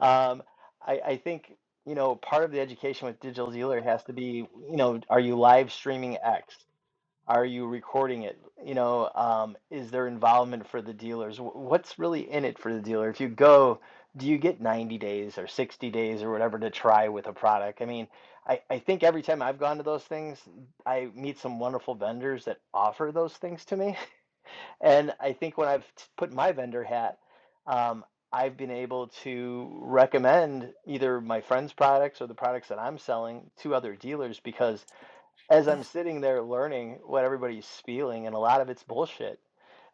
S9: um, I, I think, you know, part of the education with Digital Dealer has to be, you know, are you live streaming X? Are you recording it? You know, um, is there involvement for the dealers? Wh- What's really in it for the dealer? If you go, do you get 90 days or 60 days or whatever to try with a product? I mean, I, I think every time I've gone to those things, I meet some wonderful vendors that offer those things to me. And I think when I've t- put my vendor hat, um, I've been able to recommend either my friend's products or the products that I'm selling to other dealers because as I'm sitting there learning what everybody's spieling, and a lot of it's bullshit,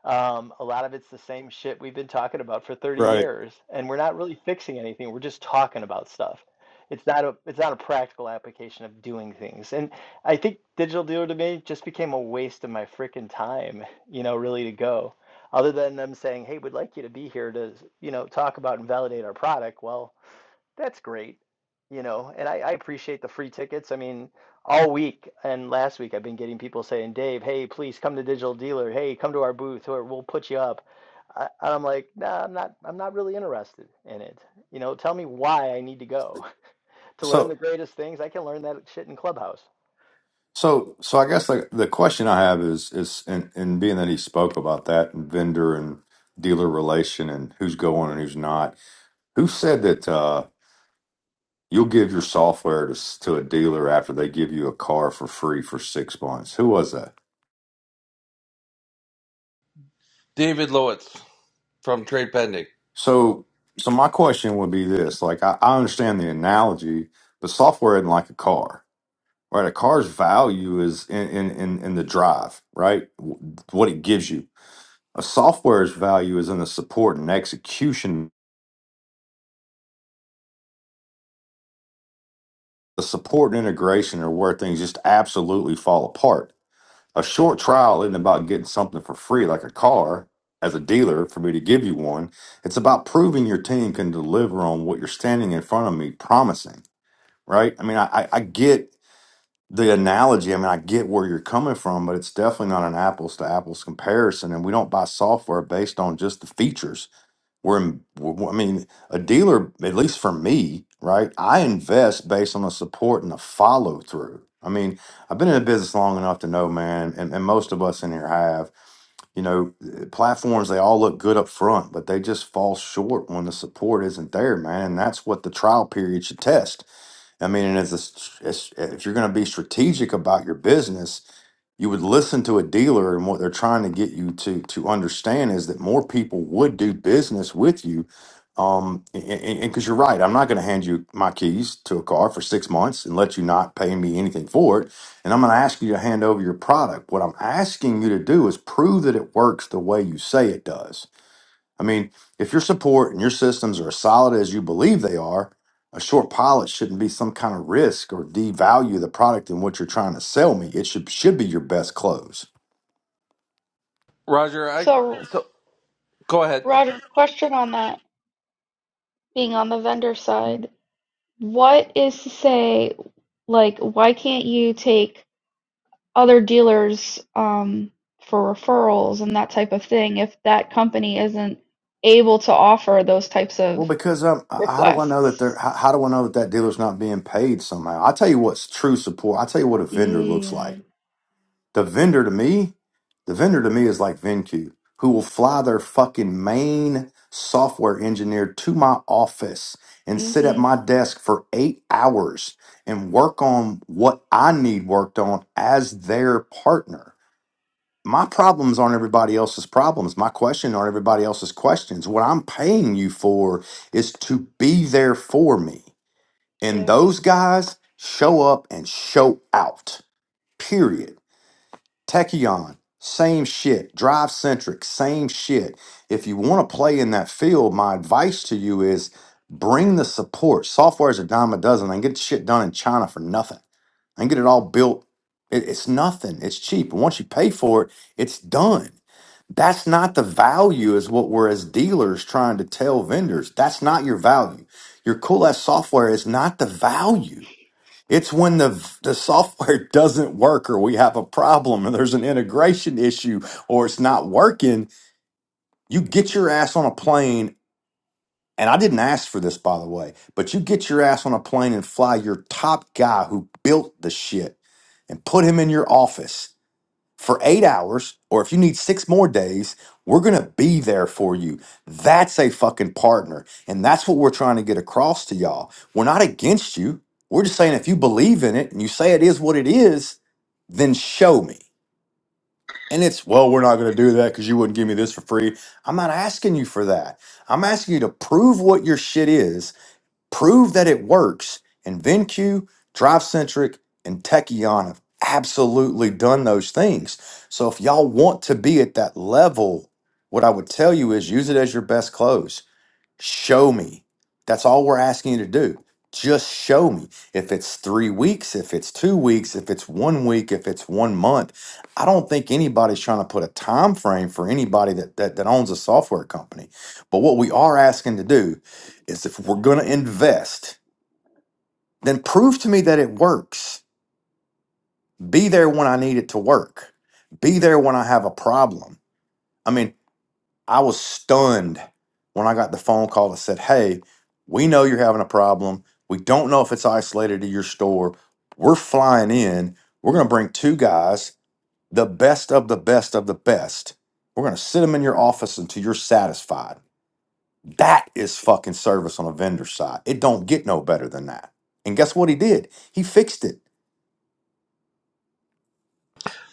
S9: um, a lot of it's the same shit we've been talking about for 30 years, and we're not really fixing anything. We're just talking about stuff. It's not a it's not a practical application of doing things. And I think digital dealer to me just became a waste of my freaking time, you know, really to go. Other than them saying, "Hey, we'd like you to be here to, you know, talk about and validate our product." Well, that's great. You know, and I, I appreciate the free tickets. I mean, all week and last week, I've been getting people saying, Dave, hey, please come to Digital Dealer. Hey, come to our booth or we'll put you up. I, and I'm like, nah, I'm not, I'm not really interested in it. You know, tell me why I need to go
S7: So
S9: to learn the
S7: so
S9: greatest things. I can learn that shit in Clubhouse.
S7: so so I guess like the question I have is is and and being that he spoke about that and vendor and dealer relation and who's going and who's not. Who said that uh you'll give your software to s- to a dealer after they give you a car for free for six months? Who was that?
S1: David Lowitz from Trade Pending.
S7: So so my question would be this: like I, I understand the analogy, but software isn't like a car. Right, a car's value is in, in, in, in the drive, right? W- What it gives you. A software's value is in the support and execution. The support and integration are where things just absolutely fall apart. A short trial isn't about getting something for free, like a car, as a dealer, for me to give you one. It's about proving your team can deliver on what you're standing in front of me promising, right? I mean, I, I I get the analogy. I mean, I get where you're coming from, but it's definitely not an apples to apples comparison. And we don't buy software based on just the features We're, in- w- I mean, a dealer, at least for me, right? I invest based on the support and the follow through. I mean, I've been in the business long enough to know, man, and, and most of us in here have, you know, uh, platforms, they all look good up front, but they just fall short when the support isn't there, man. And that's what the trial period should test. I mean, and as, a, s- as if you're going to be strategic about your business, you would listen to a dealer and what they're trying to get you to to understand is that more people would do business with you um and because you're right i'm not going to hand you my keys to a car for six months and let you not pay me anything for it and i'm going to ask you to hand over your product what i'm asking you to do is prove that it works the way you say it does I mean, if your support and your systems are as solid as you believe they are, a short pilot shouldn't be some kind of risk or devalue the product and what you're trying to sell me. It should should be your best close.
S1: Roger, I
S10: So,
S1: so go ahead.
S10: Roger, question on that, being on the vendor side, what is to say, like, why can't you take other dealers um, for referrals and that type of thing if that company isn't able to offer those types of
S7: Well, because um, h- how do I know that
S10: requests?
S7: they're how, how do I know that that dealer's not being paid somehow? I tell you what's true support. I tell you what a vendor looks like.
S10: Mm,
S7: The vendor to me, the vendor to me is like VenQ, who will fly their fucking main software engineer to my office and sit at
S10: mm-hmm,
S7: my desk for eight hours and work on what I need worked on as their partner. My problems aren't everybody else's problems. My questions aren't everybody else's questions. What I'm paying you for is to be there for me. And
S10: yeah.
S7: those guys show up and show out, period. Techion, same shit. Drive centric, same shit. If you want to play in that field, my advice to you is bring the support. Software is a dime a dozen. I can get shit done in China for nothing. I can get it all built. It- it's nothing. It's cheap. And once you pay for it, it's done. That's not the value, is what we're as dealers trying to tell vendors. That's not your value. Your cool ass software is not the value it's when the the software doesn't work or we have a problem or there's an integration issue or it's not working, you get your ass on a plane and I didn't ask for this by the way, but you get your ass on a plane and fly your top guy who built the shit and put him in your office for eight hours, or if you need six more days, we're going to be there for you. That's a fucking partner. And that's what we're trying to get across to y'all. We're not against you. We're just saying if you believe in it and you say it is what it is, then show me. And it's, well, we're not going to do that because you wouldn't give me this for free. I'm not asking you for that. I'm asking you to prove what your shit is Prove that it works. And VenQ, DriveCentric, and Tekion have absolutely done those things. So if y'all want to be at that level, what I would tell you is use it as your best close. Show me. That's all we're asking you to do. Just show me. If it's three weeks, if it's two weeks, if it's one week, if it's one month. I don't think anybody's trying to put a time frame for anybody that, that, that owns a software company. But what we are asking to do is if we're going to invest, then prove to me that it works. Be there when I need it to work. Be there when I have a problem. I mean, I was stunned when I got the phone call that said, Hey, we know you're having a problem. We don't know if it's isolated to your store. We're flying in. We're going to bring two guys, the best of the best of the best. We're going to sit them in your office until you're satisfied. That is fucking service on a vendor side. It don't get no better than that. And guess what he did? He fixed it.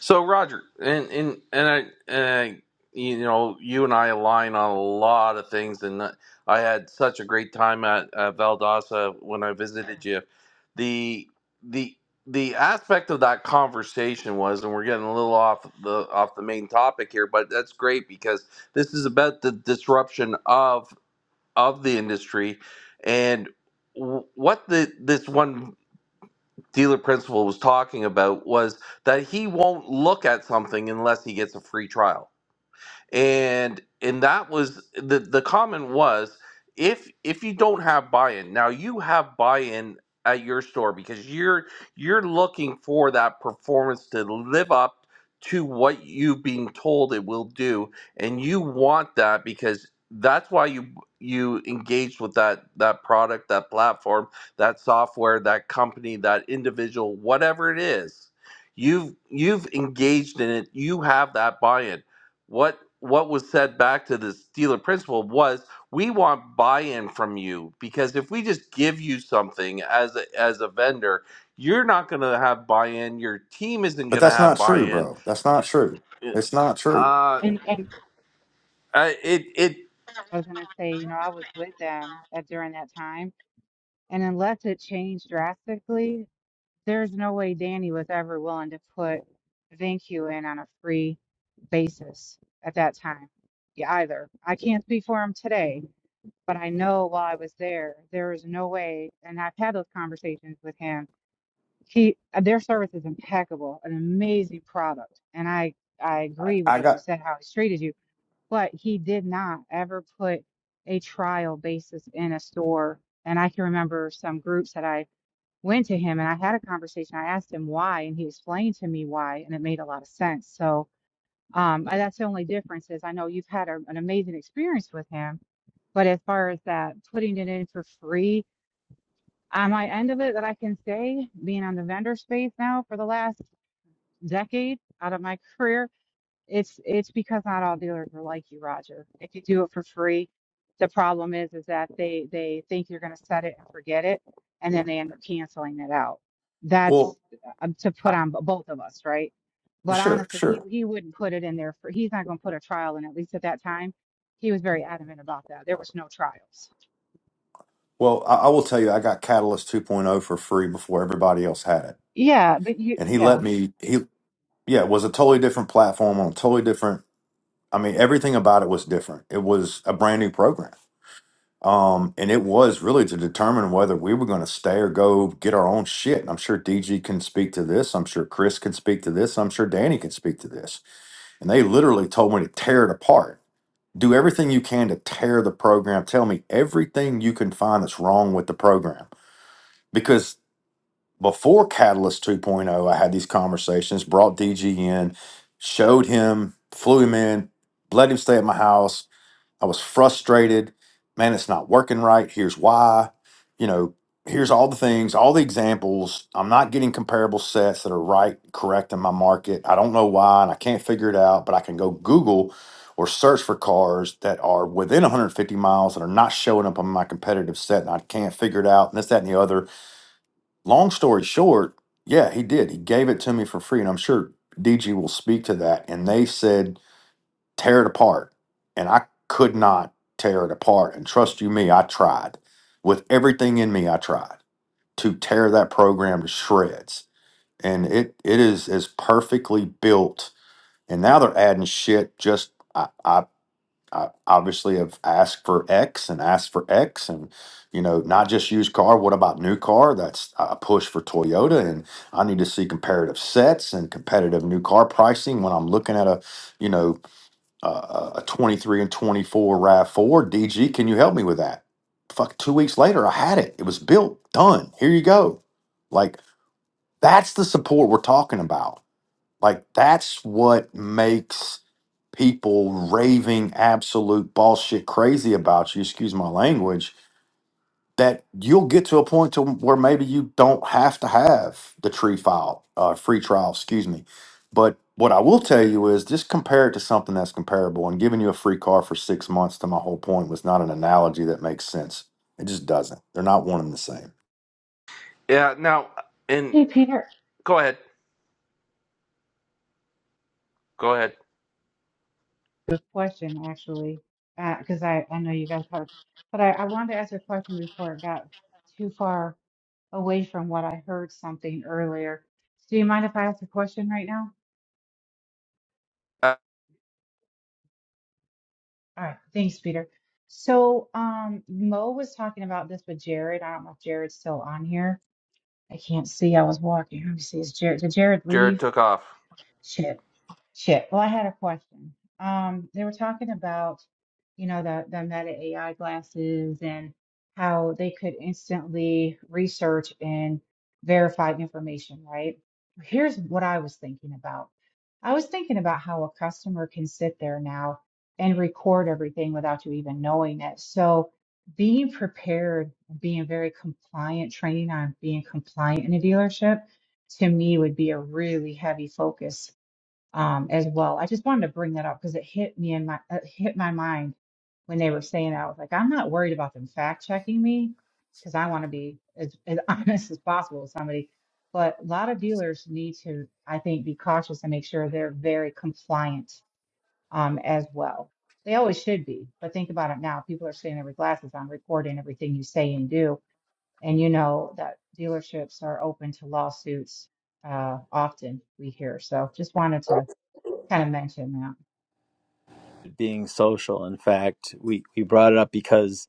S1: So Roger, and and and I, and I, you know, you and I align on a lot of things, and I had such a great time at, at Valdosta when I visited you. The the the aspect of that conversation was, and we're getting a little off the off the main topic here, but that's great because this is about the disruption of of the industry and w- what the this one dealer principal was talking about was that he won't look at something unless he gets a free trial and and that was the the comment was if if you don't have buy-in now you have buy-in at your store because you're you're looking for that performance to live up to what you've been told it will do and you want that because that's why you you engaged with that that product that platform that software that company that individual whatever it is you've you've engaged in it you have that buy-in what what was said back to the dealer principal was we want buy-in from you because if we just give you something as a, as a vendor you're not going to have buy-in your team isn't
S7: But
S1: going to
S7: that's
S1: have
S7: not true,
S1: buy-in
S7: bro. That's not true. It's not true.
S1: Uh,
S11: And and
S1: uh it it
S11: I was gonna say, you know, I was with them at during that time, and unless it changed drastically, there's no way Danny was ever willing to put VinQ in on a free basis at that time. Yeah, either. I can't speak for him today, but I know while I was there, there was no way, and I've had those conversations with him. He, uh, their service is impeccable, an amazing product, and I I
S7: I,
S11: agree with
S7: I
S11: what you
S7: got
S11: said, how he's treated you but he did not ever put a trial basis in a store. And I can remember some groups that I went to him and I had a conversation. I asked him why, and he explained to me why, and it made a lot of sense. So um, I- that's the only difference is I know you've had a, an amazing experience with him, but as far as that putting it in for free, on my end of it that I can say, being on the vendor space now for the last decade out of my career, it's it's because not all dealers are like you, Roger. If you do it for free, the problem is is that they they think you're going to set it and forget it, and then they end up canceling it out.
S7: well,
S11: That's um, to put
S7: I,
S11: on b- both of us, right?
S7: well,
S11: But
S7: sure,
S11: honestly,
S7: sure.
S11: he he wouldn't put it in there for. He's not going to put a trial in. At least at that time, he was very adamant about that. There was no trials.
S7: Well, I, I will tell you, I got Catalyst 2.0 for free before everybody else had it,
S11: Yeah, but you
S7: and he
S11: yeah.
S7: let me. He yeah, it was a totally different platform on a totally different. I mean, everything about it was different. It was a brand new program, um, and it was really to determine whether we were going to stay or go get our own shit. And I'm sure DG can speak to this. I'm sure Chris can speak to this. I'm sure Danny can speak to this. And they literally told me to tear it apart. Do everything you can to tear the program. Tell me everything you can find that's wrong with the program because before Catalyst 2.0, I had these conversations, brought DG in, showed him, flew him in, let him stay at my house. I was frustrated. Man, it's not working right. Here's why. You know, here's all the things, all the examples. I'm not getting comparable sets that are right, correct in my market. I don't know why, and I can't figure it out, but I can go Google or search for cars that are within 150 miles that are not showing up on my competitive set, and I can't figure it out, and this, that, and the other Long story short, yeah, he did. He gave it to me for free, and I'm sure DG will speak to that. And they said, tear it apart. And I could not tear it apart. And trust you me, I tried. With everything in me, I tried to tear that program to shreds. And it it is as perfectly built. And now they're adding shit just I, I I obviously have asked for X and asked for X and you know not just used car what about new car that's a push for Toyota and I need to see comparative sets and competitive new car pricing when I'm looking at a you know a, a a 23 and 24 RAV4 DG can you help me with that fuck 2 weeks later I had it it was built done here you go like that's the support we're talking about like that's what makes people raving absolute bullshit crazy about you, excuse my language, that you'll get to a point to where maybe you don't have to have the tree file, uh, free trial, excuse me. But what I will tell you is just compare it to something that's comparable and giving you a free car for six months to my whole point was not an analogy that makes sense. It just doesn't. They're not one and the same.
S1: yeah now and
S11: Hey, Peter.
S1: go ahead go ahead
S11: Good question, actually, because I I know you guys have, but I I wanted to ask a question before it got too far away from what I heard something earlier. So do you mind if I ask a question right now?
S1: uh,
S11: All right, thanks, Peter. So um, Mo was talking about this with Jared. I don't know if Jared's still on here. I can't see. I was walking. Let me see. Is Jared? Did Jared
S1: jared
S11: leave?
S1: took off
S11: Shit. Shit. Well, I had a question. Um, they were talking about, you know, the, the Meta AI glasses and how they could instantly research and verify information, right? Here's what I was thinking about. I was thinking about how a customer can sit there now and record everything without you even knowing it. So being prepared, being very compliant, training on being compliant in a dealership to me would be a really heavy focus um, as well. I just wanted to bring that up because it hit me in my it hit my mind when they were saying that. I was like, I'm not worried about them fact checking me because I want to be as, as honest as possible with somebody. But a lot of dealers need to, I think, be cautious and make sure they're very compliant um, as well. They always should be, but think about it now. People are sitting there with glasses on, recording everything you say and do, and you know that dealerships are open to lawsuits uh, often. We hear so. Just wanted to kind of mentioned that.
S9: being social. In fact, we, we brought it up because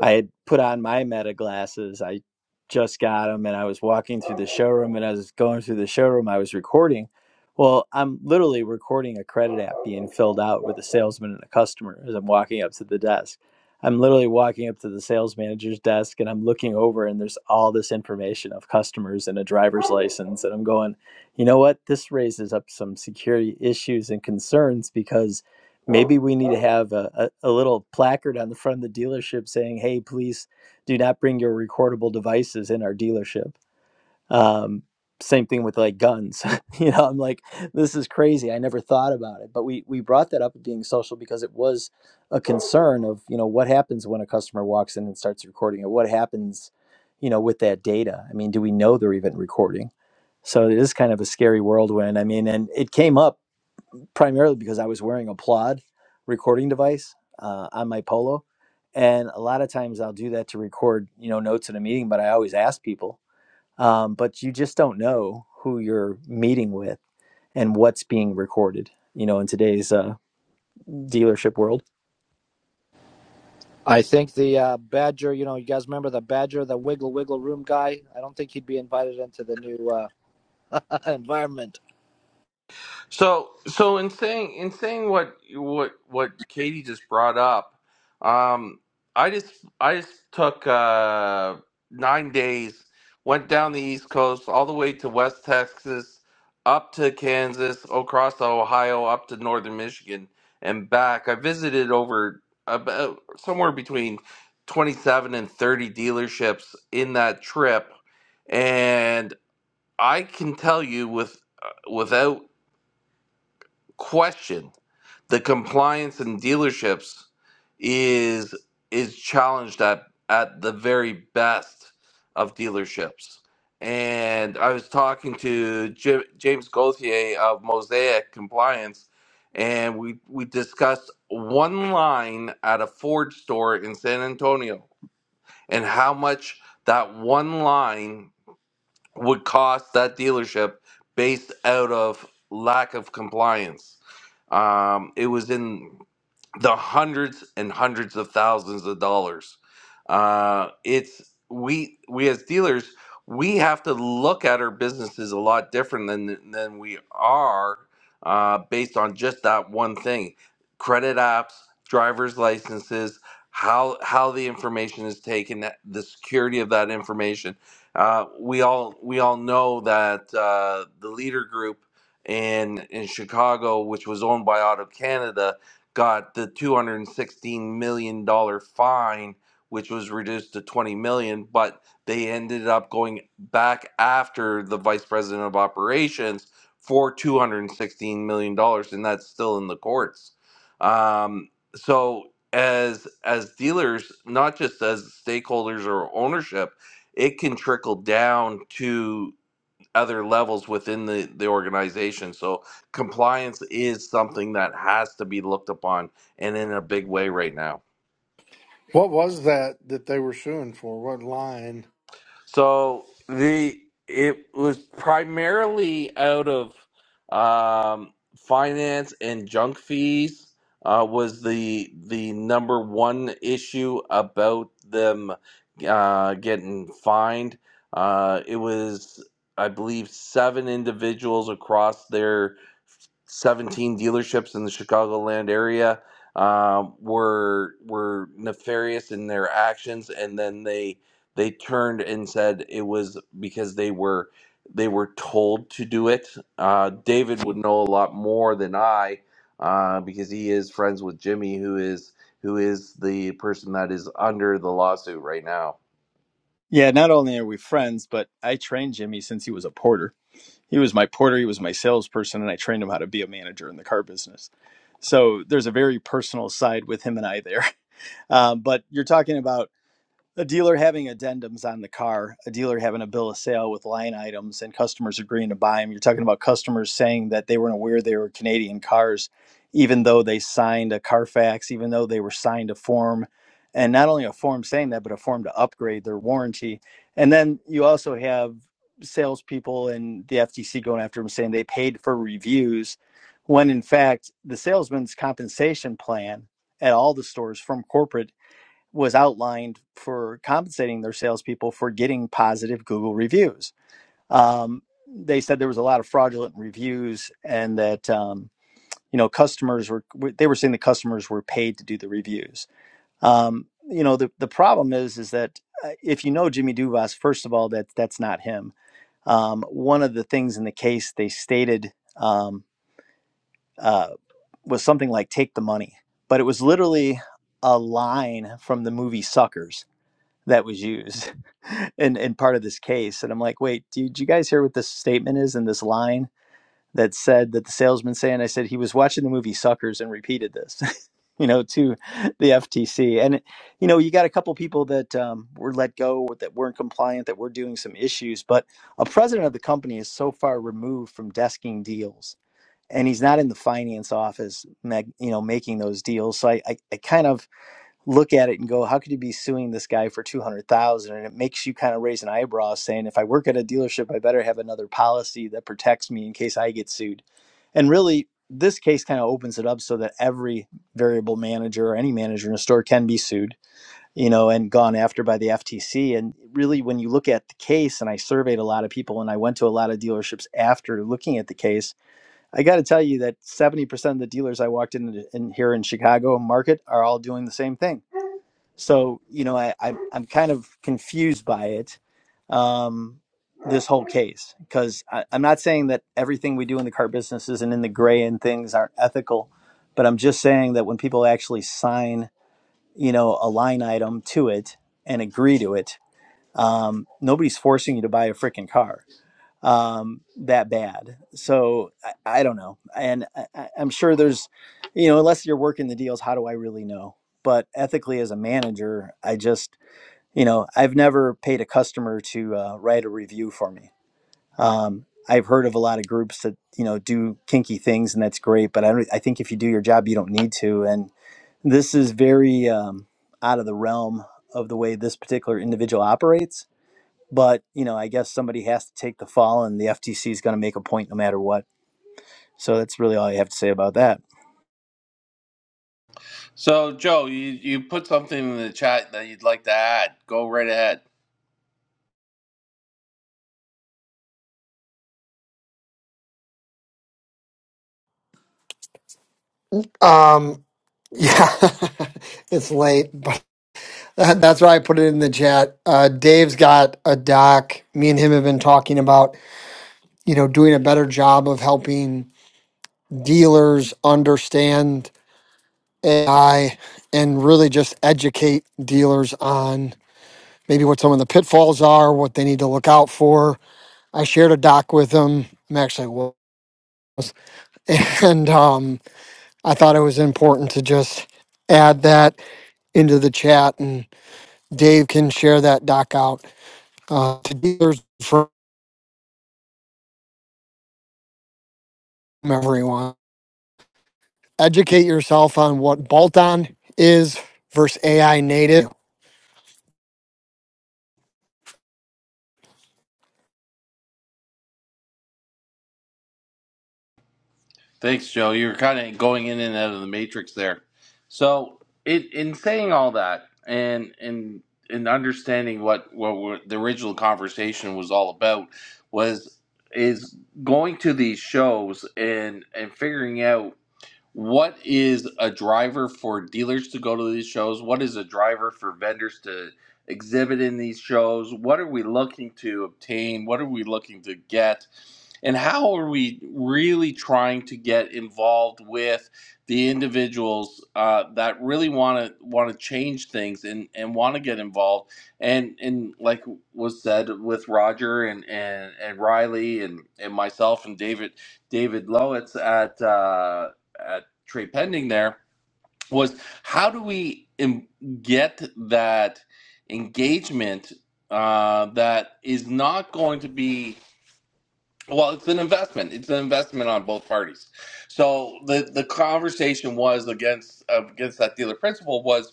S9: I had put on my meta glasses. I just got them and I was walking through the showroom and I was going through the showroom. I was recording. Well, I'm literally recording a credit app being filled out with a salesman and a customer as I'm walking up to the desk. I'm literally walking up to the sales manager's desk and I'm looking over and there's all this information of customers and a driver's license. And I'm going, you know what? This raises up some security issues and concerns because Maybe we need to have a, a, a little placard on the front of the dealership saying, hey, please do not bring your recordable devices in our dealership. Um, same thing with like guns. you know, I'm like, this is crazy. I never thought about it. But we, we brought that up at being social because it was a concern of, you know, what happens when a customer walks in and starts recording it? What happens, you know, with that data? I mean, do we know they're even recording? So it is kind of a scary whirlwind. I mean, and it came up primarily because I was wearing a Plod recording device uh, on my Polo, and a lot of times I'll do that to record, you know, notes in a meeting. But I always ask people, um, but you just don't know who you're meeting with and what's being recorded, you know, in today's uh, dealership world.
S8: I think the uh, Badger, you know, you guys remember the Badger, the Wiggle Wiggle Room guy. I don't think he'd be invited into the new uh, environment.
S1: So, so in saying in saying what what what Katie just brought up, um, I just I just took uh, nine days, went down the East Coast all the way to West Texas, up to Kansas, across to Ohio, up to Northern Michigan, and back. I visited over about somewhere between twenty seven and thirty dealerships in that trip, and I can tell you with uh, without question the compliance in dealerships is is challenged at at the very best of dealerships and i was talking to J- james gauthier of mosaic compliance and we we discussed one line at a ford store in san antonio and how much that one line would cost that dealership based out of lack of compliance. Um, it was in the hundreds and hundreds of thousands of dollars. Uh, it's we we as dealers we have to look at our businesses a lot different than than we are uh, based on just that one thing: credit apps, driver's licenses. How, how the information is taken, the security of that information, uh, we all we all know that uh, the leader group in in Chicago, which was owned by Auto Canada, got the two hundred and sixteen million dollar fine, which was reduced to twenty million. But they ended up going back after the vice president of operations for two hundred and sixteen million dollars, and that's still in the courts. Um, so as as dealers, not just as stakeholders or ownership it can trickle down to other levels within the, the organization. So compliance is something that has to be looked upon and in a big way right now.
S12: What was that that they were suing for? What line?
S1: So the it was primarily out of um, finance and junk fees uh, was the the number one issue about them uh, getting fined. Uh, it was I believe seven individuals across their 17 dealerships in the Chicagoland area um, were were nefarious in their actions, and then they they turned and said it was because they were they were told to do it. Uh, David would know a lot more than I uh, because he is friends with Jimmy, who is who is the person that is under the lawsuit right now.
S9: Yeah, not only are we friends, but I trained Jimmy since he was a porter. He was my porter, he was my salesperson, and I trained him how to be a manager in the car business. So there's a very personal side with him and I there. Um, but you're talking about a dealer having addendums on the car, a dealer having a bill of sale with line items, and customers agreeing to buy them. You're talking about customers saying that they weren't aware they were Canadian cars, even though they signed a Carfax, even though they were signed a form, and not only a form saying that, but a form to upgrade their warranty. And then you also have salespeople and the FTC going after them saying they paid for reviews, when in fact the salesman's compensation plan at all the stores from corporate was outlined for compensating their salespeople for getting positive Google reviews. Um, they said there was a lot of fraudulent reviews, and that um, you know customers were they were saying the customers were paid to do the reviews. Um, you know the the problem is is that uh, if you know Jimmy Duvas, first of all, that that's not him. Um, one of the things in the case they stated um, uh, was something like "take the money," but it was literally a line from the movie Suckers that was used in, in part of this case. And I'm like, wait, did you guys hear what this statement is in this line that said that the salesman saying, I said he was watching the movie Suckers and repeated this, you know, to the FTC. And, you know, you got a couple people that um, were let go or that weren't compliant, that were doing some issues, but a president of the company is so far removed from desking deals. And he's not in the finance office, mag- you know, making those deals. So I, I, I kind of look at it and go, how could you be suing this guy for two hundred thousand? And it makes you kind of raise an eyebrow, saying, if I work at a dealership, I better have another policy that protects me in case I get sued. And really, this case kind of opens it up so that every variable manager or any manager in a store can be sued, you know, and gone after by the FTC. And really, when you look at the case, and I surveyed a lot of people, and I went to a lot of dealerships after looking at the case. I got to tell you that 70% of the dealers I walked in, in here in Chicago market are all doing the same thing so you know, I, I I'm kind of confused by it, um, this whole case, because I'm not saying that everything we do in the car business isn't in the gray and things aren't ethical, but I'm just saying that when people actually sign, you know, a line item to it and agree to it, um, nobody's forcing you to buy a freaking car um, that bad. So I, I don't know, and I, I- I'm sure there's, you know, unless you're working the deals, how do I really know? But ethically, as a manager, I just, you know, I've never paid a customer to uh, write a review for me. Um, I've heard of a lot of groups that you know do kinky things, and that's great. But I don't. I think if you do your job, you don't need to. And this is very um, out of the realm of the way this particular individual operates but you know, I guess somebody has to take the fall, and the FTC is going to make a point no matter what. So that's really all I have to say about that.
S1: So, Joe, you, you put something in the chat that you'd like to add. Go right ahead.
S13: Um, yeah, it's late, but that, that's why I put it in the chat. Uh, Dave's got a doc. Me and him have been talking about, you know, doing a better job of helping dealers understand AI and really just educate dealers on maybe what some of the pitfalls are, what they need to look out for. I shared a doc with him. I'm actually I was, and um, I thought it was important to just add that into the chat and. Dave can share that doc out uh, to dealers from everyone. Educate yourself on what bolt-on is versus AI native.
S1: Thanks, Joe. You're kind of going in and out of the matrix there. So, in, in saying all that, and and and understanding what what we're- the original conversation was all about was is going to these shows and and figuring out what is a driver for dealers to go to these shows? What is a driver for vendors to exhibit in these shows? What are we looking to obtain? What are we looking to get? And how are we really trying to get involved with the individuals uh, that really want to want to change things and, and want to get involved? And and like was said with Roger and and, and Riley and, and myself and David David Lowitz at uh, at Trade Pending there was how do we get that engagement uh, that is not going to be well it's an investment it's an investment on both parties so the the conversation was against uh, against that dealer principle was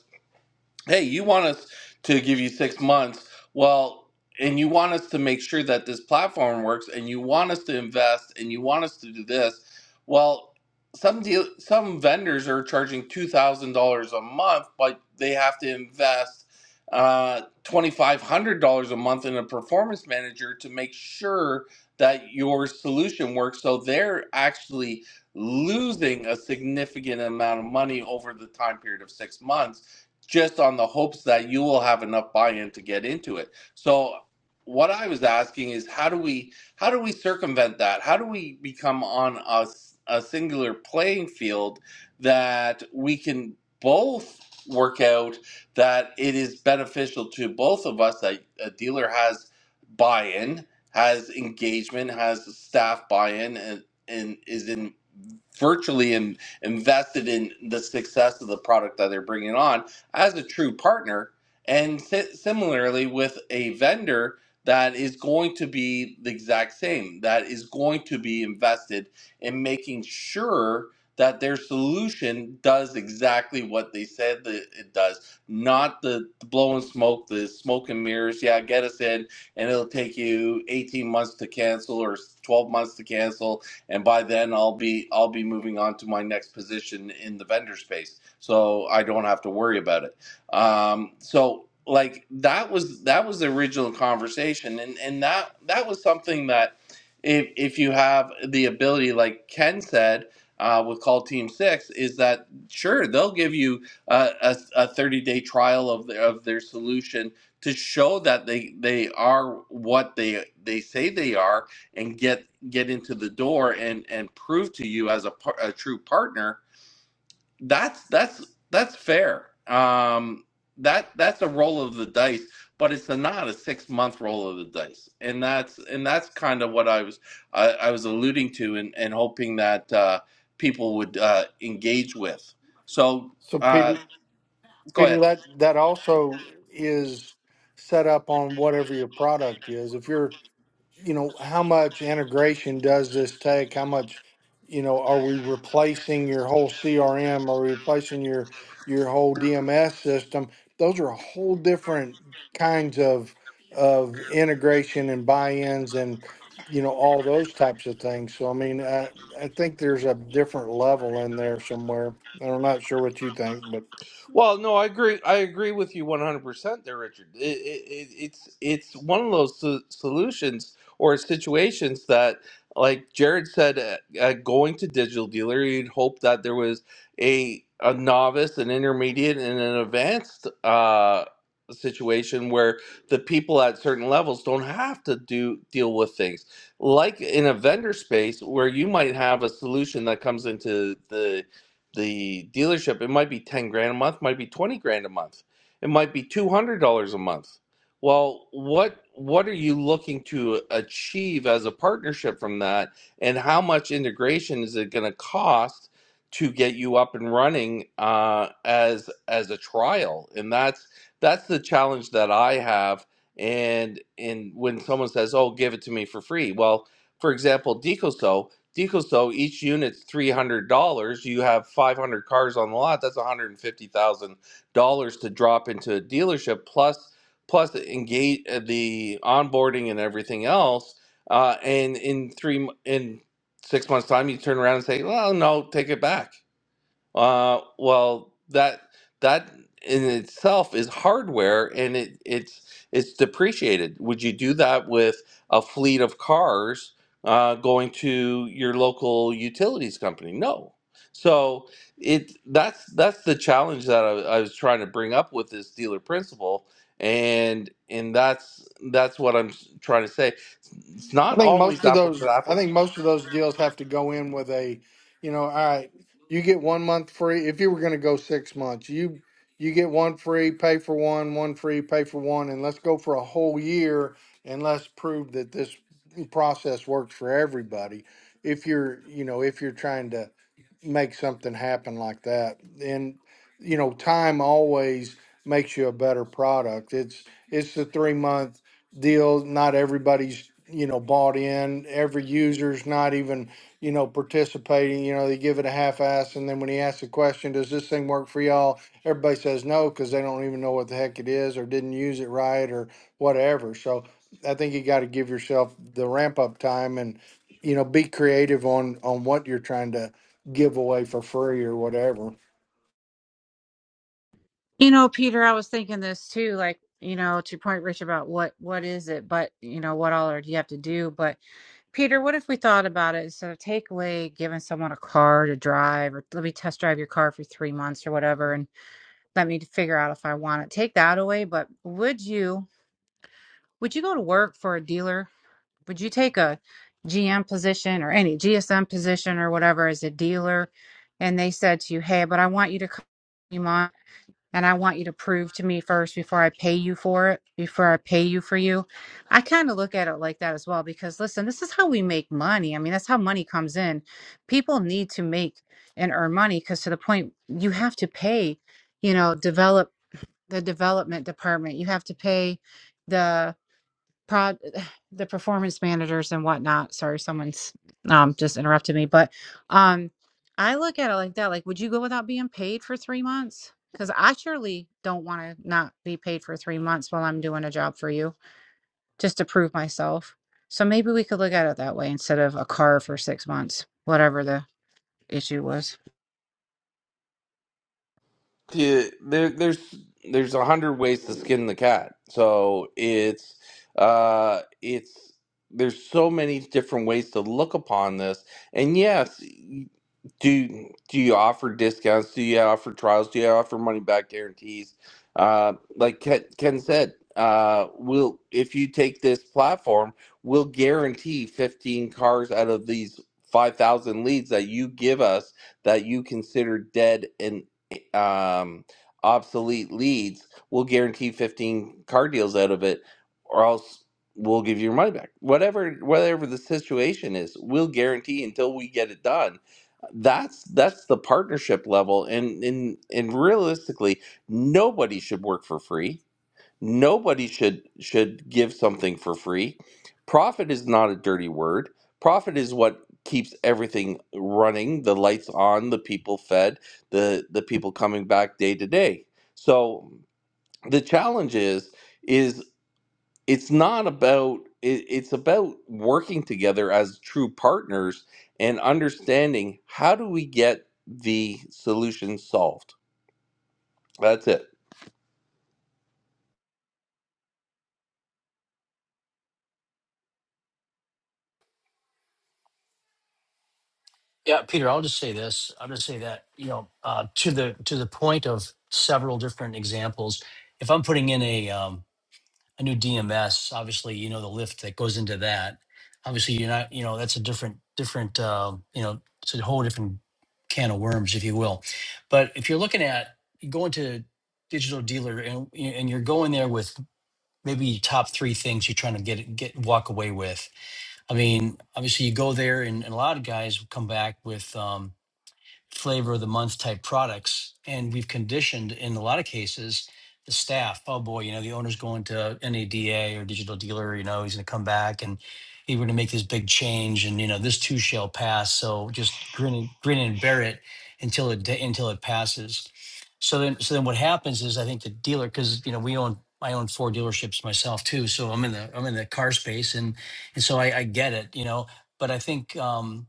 S1: hey, you want us to give you six months. Well, and you want us to make sure that this platform works and you want us to invest and you want us to do this. Well, some deal, some vendors are charging $2,000 a month, but they have to invest uh, $2,500 a month in a performance manager to make sure that your solution works. So they're actually losing a significant amount of money over the time period of six months just on the hopes that you will have enough buy-in to get into it. So what I was asking is how do we how do we circumvent that? How do we become on a a singular playing field that we can both work out that it is beneficial to both of us that a dealer has buy-in, has engagement, has staff buy-in and, and is in virtually in, invested in the success of the product that they're bringing on as a true partner. And si- similarly, with a vendor that is going to be the exact same, that is going to be invested in making sure that their solution does exactly what they said that it does, not the, the blow and smoke, the smoke and mirrors. Yeah, get us in, and it'll take you 18 months to cancel or 12 months to cancel and by then I'll be I'll be moving on to my next position in the vendor space, so I don't have to worry about it. Um, so like that was that was the original conversation, and and that that was something that if if you have the ability, like Ken said. Uh, with call team six is that sure they'll give you a, a, a 30 day trial of, their of their solution to show that they they are what they they say they are and get get into the door and and prove to you as a, par- a true partner that's that's that's fair um that that's a roll of the dice but it's a, not a six month roll of the dice and that's and that's kind of what i was i, I was alluding to and, and hoping that uh people would uh engage with so
S12: So
S1: uh
S12: Peter,
S1: go ahead
S12: Peter, that that also is set up on whatever your product is. If you're you know, how much integration does this take? How much, you know, are we replacing your whole CRM? Are we replacing your your whole DMS system? Those are whole different kinds of of integration and buy-ins and you know all those types of things. So I mean, I I think there's a different level in there somewhere. I'm not sure what you think, but.
S1: Well, no, I agree. I agree with you one hundred percent, there, Richard. It, it, it- it's it's one of those so- solutions or situations that, like Jared said, uh, uh, going to digital dealer, you'd hope that there was a a novice, an intermediate, and an advanced uh, situation where the people at certain levels don't have to do deal with things like in a vendor space where you might have a solution that comes into the the dealership, it might be 10 grand a month, might be 20 grand a month. It might be $200 a month. Well, what what are you looking to achieve as a partnership from that and how much integration is it going to cost to get you up and running uh, as as a trial? And that's that's the challenge that I have and and when someone says, "Oh, give it to me for free." Well, for example, Decoso, Deco, so each unit's three hundred dollars. You have five hundred cars on the lot. That's one hundred and fifty thousand dollars to drop into a dealership, plus plus engage uh, the onboarding and everything else. Uh, and in three m- in six months' time, you turn around and say, "Well, no, take it back." Uh, well, that that in itself is hardware, and it it's it's depreciated. Would you do that with a fleet of cars uh, going to your local utilities company? No. So it that's that's the challenge that I, I was trying to bring up with this dealer principle, and and that's that's what I'm s- trying to say. It's
S12: I
S1: not
S12: think
S1: always
S12: most of
S1: apples
S12: those
S1: to
S12: I
S1: apples.
S12: think most of those deals have to go in with a, you know, all right, you get one month free. If you were going to go 6 months, you you get one free, pay for one, one free, pay for one and let's go for a whole year and let's prove that this process works for everybody. If you're, you know, if you're trying to make something happen like that. And you know, time always makes you a better product. It's it's the 3 month deal. Not everybody's, you know, bought in. Every user's not even, you know, participating. You know, they give it a half ass. And then when he asks the question, does this thing work for y'all? Everybody says no because they don't even know what the heck it is or didn't use it right or whatever. So I think you got to give yourself the ramp up time and, you know, be creative on on what you're trying to give away for free or whatever.
S11: You know, Peter, I was thinking this too, like, you know, to your point, Rich, about what what is it, but you know, what all are, do you have to do? But Peter, what if we thought about it instead of take away giving someone a car to drive or let me test drive your car for three months or whatever and let me figure out if I want it. Take that away, but would you would you go to work for a dealer? Would you take a GM position or any GSM position or whatever as a dealer? And they said to you, Hey, but I want you to come and I want you to prove to me first before I pay you for it, before I pay you for you. I kind of look at it like that as well because listen, this is how we make money. I mean, that's how money comes in. People need to make and earn money because to the point you have to pay, you know, develop the development department, you have to pay the prod the performance managers and whatnot. Sorry, someone's um just interrupted me, but um I look at it like that. Like, would you go without being paid for three months? Because I surely don't want to not be paid for three months while I'm doing a job for you just to prove myself. So maybe we could look at it that way instead of a car for six months, whatever the issue was.
S1: Yeah, there, there's there's a hundred ways to skin the cat. So it's uh it's there's so many different ways to look upon this. And yes, do do you offer discounts? Do you offer trials? Do you offer money back guarantees? Uh, like Ken, Ken said, uh, we'll if you take this platform, we'll guarantee 15 cars out of these 5,000 leads that you give us that you consider dead and um, obsolete leads, we'll guarantee 15 car deals out of it, or else we'll give you your money back. Whatever whatever the situation is, we'll guarantee until we get it done. That's that's the partnership level, and and and realistically, nobody should work for free nobody should should give something for free profit is not a dirty word profit is what keeps everything running the lights on the people fed the the people coming back day to day so the challenge is is it's not about it, it's about working together as true partners and understanding how do we get the solution solved that's it
S2: Yeah, Peter, I'll just say this. I'll just say that, you know, uh, to the to the point of several different examples. If I'm putting in a um, a new DMS, obviously, you know, the lift that goes into that. Obviously, you're not, you know, that's a different different, uh, you know, it's a whole different can of worms, if you will. But if you're looking at going to digital dealer and and you're going there with maybe top three things you're trying to get get walk away with. I mean, obviously, you go there, and, and a lot of guys come back with. Um, flavor of the month type products. And we've conditioned in a lot of cases the staff, oh boy, you know, the owner's going to NADA or digital dealer, you know, he's going to come back and he's going to make this big change. And, you know, this too shall pass. So just grin and, grin and bear it until it, until it passes. So then, so then what happens is I think the dealer, cause you know, we own, I own four dealerships myself too. So I'm in the, I'm in the car space and, and so I, I get it, you know, but I think, um,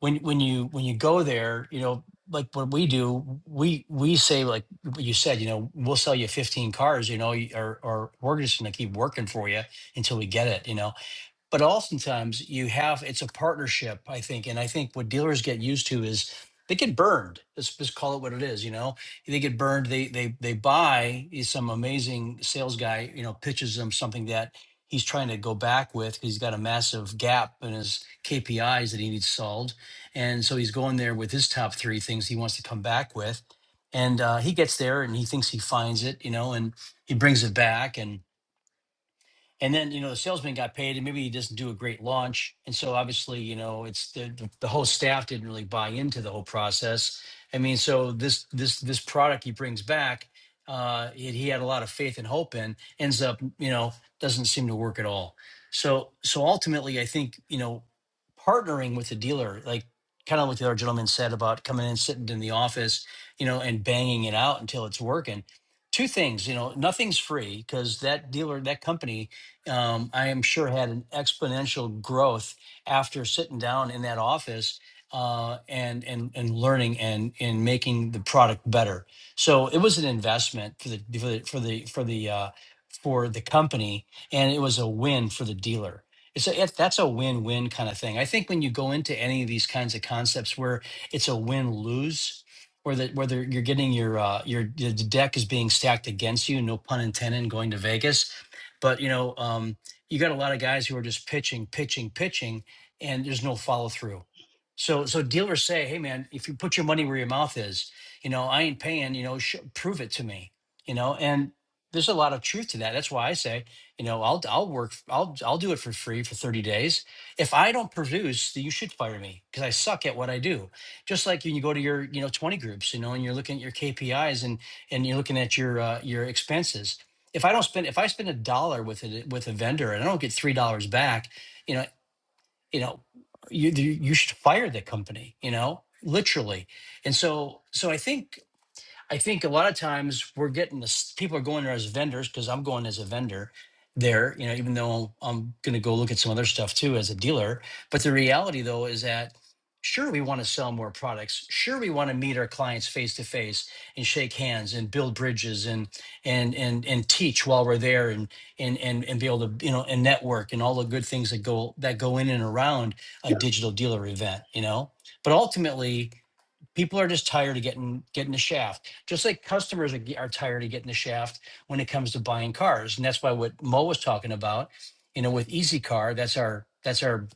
S2: when when you when you go there, you know, like what we do, we we say like what you said, you know, we'll sell you 15 cars, you know, y- or or we're just gonna keep working for you until we get it, you know but oftentimes you have it's a partnership i think and i think what dealers get used to is they get burned let's just call it what it is you know they get burned they they they buy is some amazing sales guy you know pitches them something that he's trying to go back with because 'cause he's got a massive gap in his kpis that he needs solved and so he's going there with his top three things he wants to come back with and uh, he gets there and he thinks he finds it you know and he brings it back and and then you know the salesman got paid and maybe he doesn't do a great launch and so obviously you know it's the the, the whole staff didn't really buy into the whole process i mean so this this this product he brings back uh he, he had a lot of faith and hope in ends up you know doesn't seem to work at all so so ultimately i think you know partnering with the dealer like kind of what the other gentleman said about coming in sitting in the office you know and banging it out until it's working two things you know nothing's free because that dealer that company um, I am sure had an exponential growth after sitting down in that office uh, and and and learning and and making the product better. So it was an investment for the for the for the for the, uh, for the company, and it was a win for the dealer. It's a, it, that's a win-win kind of thing. I think when you go into any of these kinds of concepts where it's a win-lose, where that whether you're getting your uh, your the deck is being stacked against you, no pun intended, going to Vegas, but you know, um, you got a lot of guys who are just pitching, pitching, pitching, and there's no follow through. So so dealers say, hey man, if you put your money where your mouth is, you know, I ain't paying. You know, sh- prove it to me. You know, and there's a lot of truth to that. That's why I say, you know, I'll I'll work, I'll I'll do it for free for 30 days. If I don't produce, then you should fire me because I suck at what I do just like when you go to your you know 20 groups you know and you're looking at your kpis and and you're looking at your uh, your expenses if I don't spend if I spend a dollar with a with a vendor and I don't get three dollars back, you know, you know, you you you should fire the company, you know, literally. And so so I think I think a lot of times we're getting this, people are going there as vendors because I'm going as a vendor there, you know, even though I'm going to go look at some other stuff too as a dealer. But the reality though is that sure, we want to sell more products. Sure, we want to meet our clients face to face and shake hands and build bridges and, and, and, and teach while we're there and, and, and, and be able to, you know, and network and all the good things that go, that go in and around a digital dealer event, you know? But ultimately, people are just tired of getting getting the shaft just like customers are, are tired of getting the shaft when it comes to buying cars and that's why what mo was talking about you know with easy car that's our that's our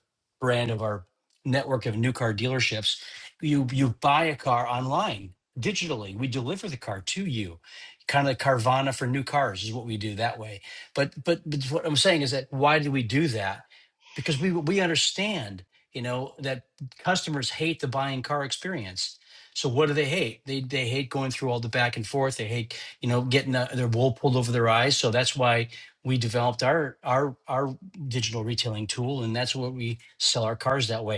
S2: brand of our network of new car dealerships you you buy a car online digitally we deliver the car to you kind of like carvana for new cars is what we do that way but but, but what i'm saying is that why do we do that because we we understand you know that customers hate the buying car experience so what do they hate? They they hate going through all the back and forth. They hate you know getting uh, their wool pulled over their eyes. So that's why we developed our our our digital retailing tool, and that's what we sell our cars that way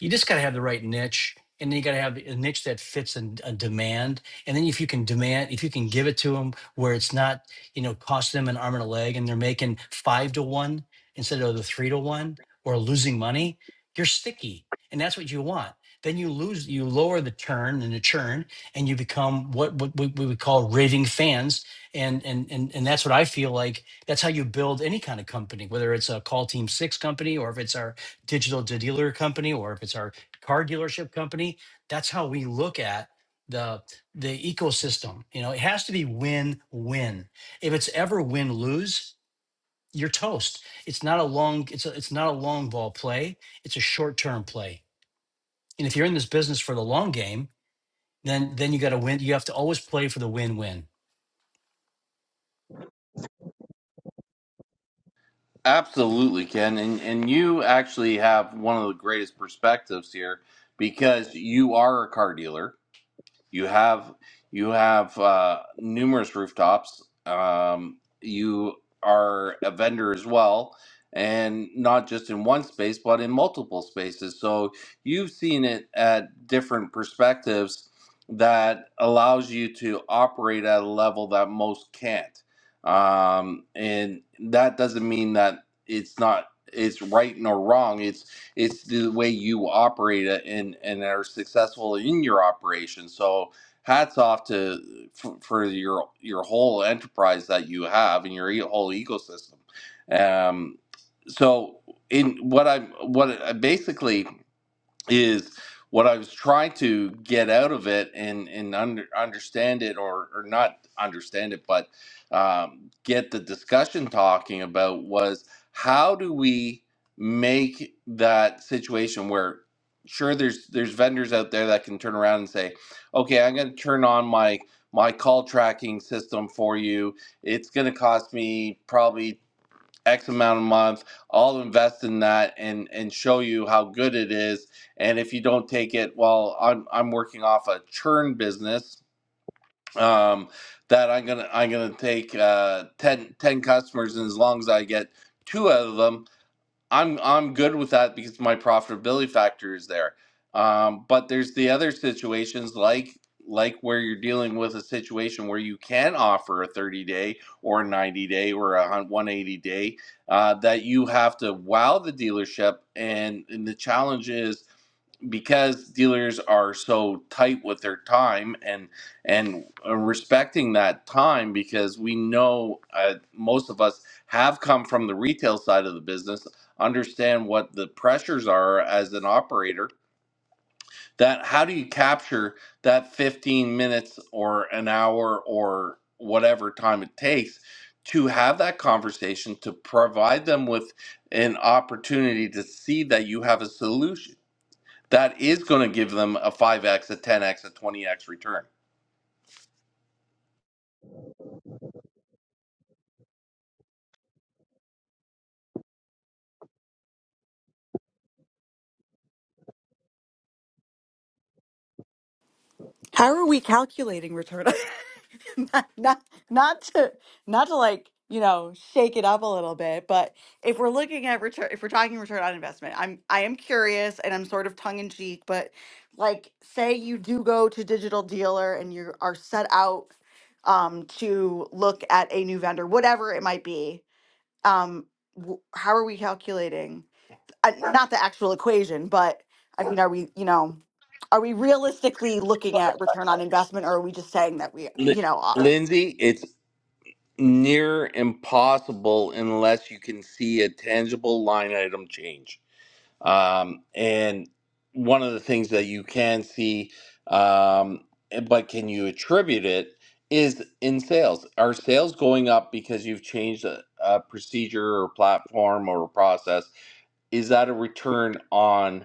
S2: you just got to have the right niche and then you got to have a niche that fits in a demand and then if you can demand if you can give it to them where it's not you know cost them an arm and a leg and they're making five to one instead of the three to one or losing money you're sticky and that's what you want then you lose you lower the turn and the churn and you become what, what we we would call raving fans and, and and and that's what i feel like that's how you build any kind of company whether it's a call team six company or if it's our digital dealer company or if it's our car dealership company that's how we look at the the ecosystem you know it has to be win win if it's ever win lose you're toast it's not a long it's a, it's not a long ball play it's a short term play and if you're in this business for the long game then then you got to win you have to always play for the win win
S1: Absolutely, Ken. And and you actually have one of the greatest perspectives here because you are a car dealer. You have you have uh, numerous rooftops. Um, you are a vendor as well, and not just in one space, but in multiple spaces. So you've seen it at different perspectives that allows you to operate at a level that most can't. Um, and that doesn't mean that it's not it's right nor wrong it's the way you operate it and and are successful in your operation so hats off to for, for your your whole enterprise that you have and your e- whole ecosystem um so in what i'm what I- basically is what I was trying to get out of it and and under, understand it or or not understand it, but um, get the discussion talking about was how do we make that situation where sure there's there's vendors out there that can turn around and say okay i'm going to turn on my my call tracking system for you it's going to cost me probably X amount a month. I'll invest in that and and show you how good it is. And if you don't take it, well, I'm I'm working off a churn business um, that I'm gonna I'm gonna take uh, 10, ten customers, and as long as I get two out of them, I'm I'm good with that because my profitability factor is there. Um, but there's the other situations like like where you're dealing with a situation where you can offer a 30 day or a 90 day or a 180 day uh, that you have to wow the dealership and, and the challenge is because dealers are so tight with their time and and uh, respecting that time because we know uh, most of us have come from the retail side of the business understand what the pressures are as an operator that how do you capture that 15 minutes or an hour or whatever time it takes to have that conversation to provide them with an opportunity to see that you have a solution that is going to give them a 5x, a 10x, a 20x return.
S6: How are we calculating return? on not, not, not to, not to like, you know, shake it up a little bit, but if we're looking at return, if we're talking return on investment, I'm, I am curious and I'm sort of tongue in cheek, but like, say you do go to digital dealer and you are set out um, to look at a new vendor, whatever it might be. Um, wh- how are we calculating? Uh, not the actual equation, but I mean, are we, you know? are we realistically looking at return on investment or are we just saying that we you
S1: Li-
S6: know uh,
S1: Lindsay, it's near impossible unless you can see a tangible line item change. Um, and one of the things that you can see, um, eh, but can you attribute it, is in sales. Are sales going up because you've changed a, a procedure or platform or a process? Is that a return on?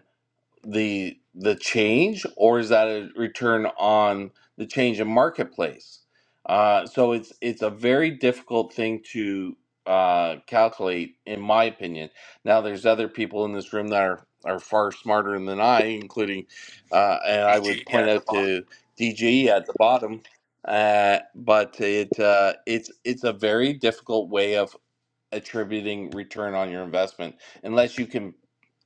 S1: the the change, or is that a return on the change in marketplace? Uh, so it's it's a very difficult thing to uh, calculate, in my opinion. Now, there's other people in this room that are are far smarter than I, including, uh, and I would point out to DG at the bottom. Uh, but it uh, it's it's a very difficult way of attributing return on your investment unless you can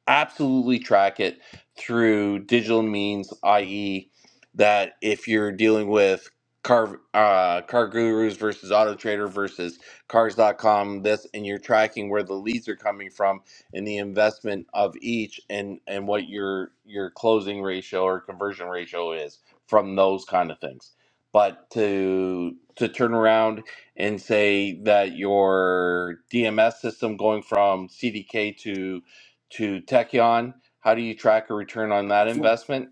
S1: absolutely track it through digital means, i.e., that if you're dealing with car uh, car gurus versus auto trader versus Cars dot com, this and you're tracking where the leads are coming from and the investment of each and and what your your closing ratio or conversion ratio is from those kind of things but to to turn around and say that your DMS system going from CDK to to Tekion, how do you track a return on that investment?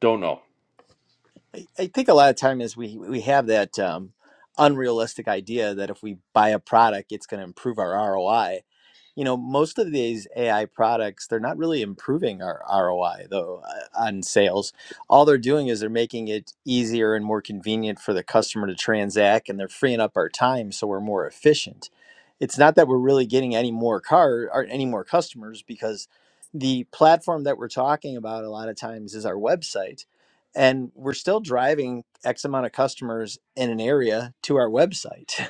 S1: Don't know.
S9: I, I think a lot of time is we we have that um, unrealistic idea that if we buy a product, it's going to improve our ROI, you know, most of these AI products, they're not really improving our ROI though uh, on sales. All they're doing is they're making it easier and more convenient for the customer to transact and they're freeing up our time so we're more efficient. It's not that we're really getting any more car or any more customers because the platform that we're talking about a lot of times is our website and we're still driving x amount of customers in an area to our website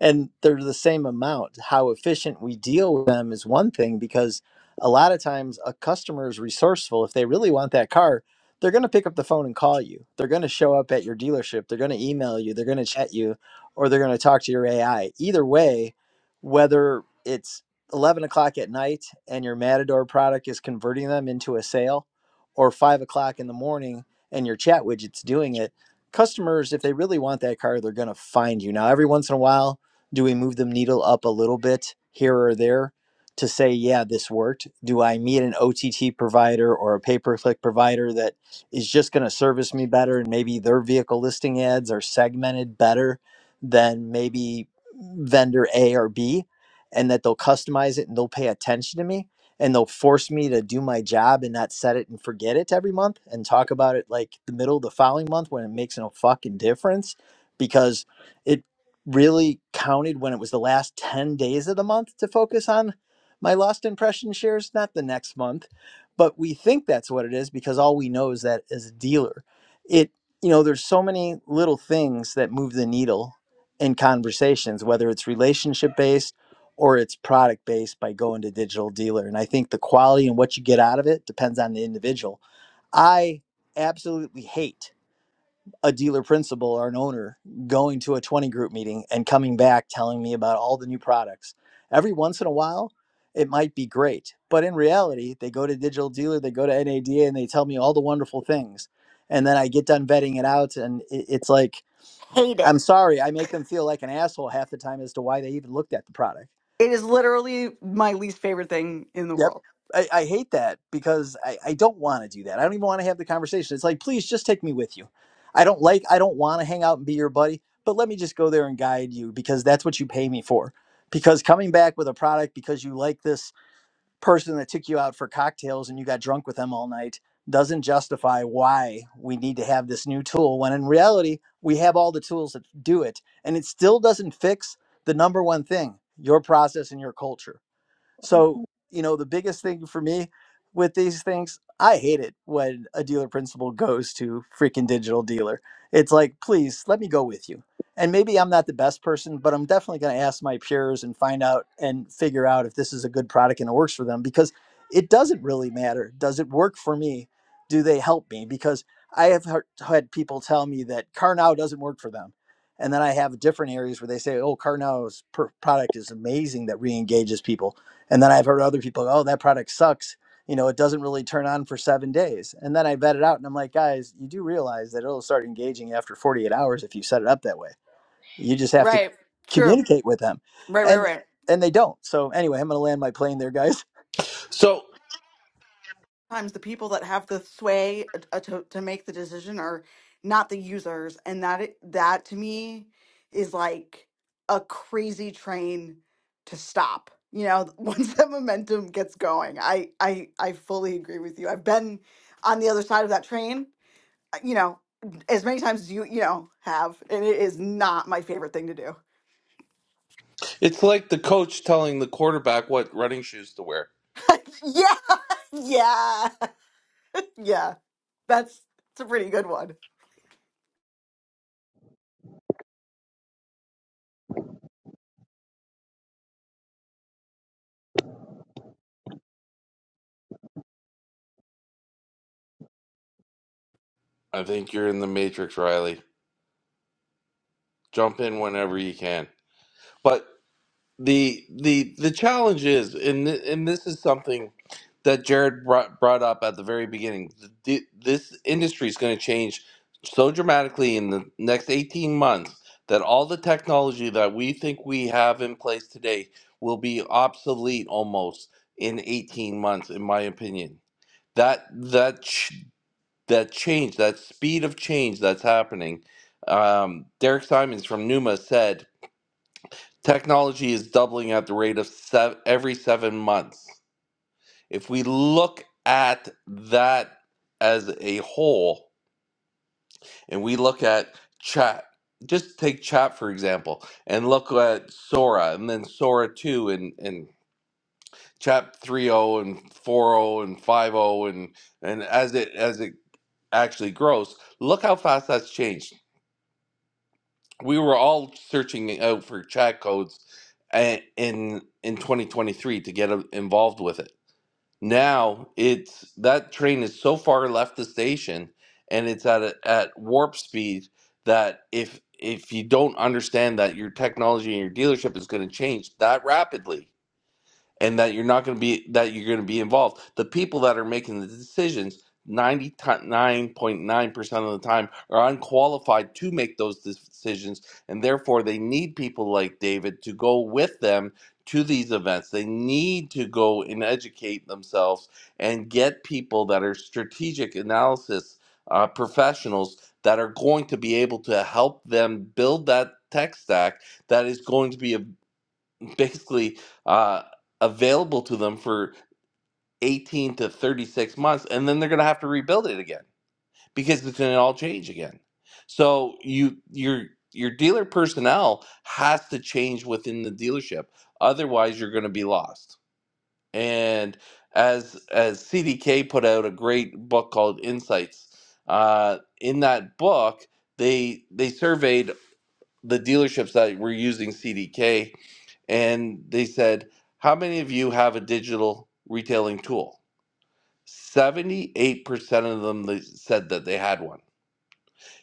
S9: and they're the same amount. How efficient we deal with them is one thing because a lot of times a customer is resourceful. If they really want that car, they're going to pick up the phone and call you. They're going to show up at your dealership. They're going to email you. They're going to chat you, or they're going to talk to your AI. Either way, whether it's 11 o'clock at night and your Matador product is converting them into a sale, or five o'clock in the morning and your chat widget's doing it, customers, if they really want that car, they're going to find you. Now, every once in a while, do we move the needle up a little bit here or there to say, yeah, this worked? Do I meet an OTT provider or a pay per click provider that is just going to service me better and maybe their vehicle listing ads are segmented better than maybe vendor A or B? And that they'll customize it and they'll pay attention to me and they'll force me to do my job and not set it and forget it every month and talk about it like the middle of the following month when it makes no fucking difference because it really counted when it was the last 10 days of the month to focus on my lost impression shares, not the next month. But we think that's what it is because all we know is that as a dealer, it, you know, there's so many little things that move the needle in conversations, whether it's relationship based or it's product based by going to digital dealer. And I think the quality and what you get out of it depends on the individual. I absolutely hate a dealer principal or an owner going to a 20 group meeting and coming back telling me about all the new products. Every once in a while, it might be great. But in reality, they go to Digital Dealer, they go to NADA, and they tell me all the wonderful things. And then I get done vetting it out, and it, it's like,
S6: hate
S9: I'm
S6: it
S9: sorry, I make them feel like an asshole half the time as to why they even looked at the product
S6: It is literally my least favorite thing in the
S9: Yep.
S6: world.
S9: I, I hate that because I, I don't want to do that. I don't even want to have the conversation. It's like, please just take me with you. I don't like, I don't want to hang out and be your buddy, but let me just go there and guide you because that's what you pay me for. Because coming back with a product because you like this person that took you out for cocktails and you got drunk with them all night doesn't justify why we need to have this new tool when in reality, we have all the tools that do it. And it still doesn't fix the number one thing your process and your culture so, you know, the biggest thing for me with these things, I hate it when a dealer principal goes to freaking digital dealer. It's like, please let me go with you. And maybe I'm not the best person, but I'm definitely going to ask my peers and find out and figure out if this is a good product and it works for them because it doesn't really matter. Does it work for me? Do they help me? Because I have heard- had people tell me that CarNow doesn't work for them. And then I have different areas where they say, oh, CarNow's per- product is amazing that re engages people and then I've heard other people, go, oh, that product sucks. You know, it doesn't really turn on for seven days. And then I vet it out and I'm like, guys, you do realize that it'll start engaging after 48 hours if you set it up that way. You just have to
S6: right true
S9: communicate with them.
S6: right right
S9: And
S6: right
S9: and they don't. So anyway, I'm gonna land my plane there, guys.
S1: So
S6: sometimes the people that have the sway uh, to, to make the decision are not the users and that it, that to me is like a crazy train to stop you know once that momentum gets going i i i fully agree with you i've been on the other side of that train uh, you know, as many times as you, you know, have, and it is not my favorite thing to do.
S1: it's like the coach telling the quarterback what running shoes to wear.
S6: yeah, yeah, yeah. That's it's a pretty good one.
S1: I think you're in the matrix, Riley. Jump in whenever you can. But the the the challenge is and th- and this is something that Jared brought, brought up at the very beginning th- this industry is going to change so dramatically in the next 18 months that all the technology that we think we have in place today will be obsolete almost in 18 months in my opinion that that ch- that change that speed of change that's happening um, Derek Simons from Numa said Technology is doubling at the rate of sev every seven months. If we look at that as a whole, and we look at chat, just take chat for example, and look at Sora, and then Sora 2, and, and chat 3.0, and 4.0, and 5.0, and, and as it as it actually grows, look how fast that's changed. we were all searching out for chat codes a- in in 2023 to get uh, involved with it. Now it's that train is so far left the station, and it's at a, at warp speed that if if you don't understand that your technology and your dealership is going to change that rapidly, and that you're not going to be that you're going to be involved. The people that are making the decisions 99.9% of the time are unqualified to make those decisions and therefore they need people like David to go with them to these events. They need to go and educate themselves and get people that are strategic analysis uh, professionals that are going to be able to help them build that tech stack that is going to be available basically uh, available to them for 18 to 36 months and then they're going to have to rebuild it again because it's going to all change again so you your your dealer personnel has to change within the dealership otherwise you're going to be lost and as as cdk put out a great book called insights uh, in that book they they surveyed the dealerships that were using cdk and they said, How many of you have a digital retailing tool? 78% of them they said that they had one.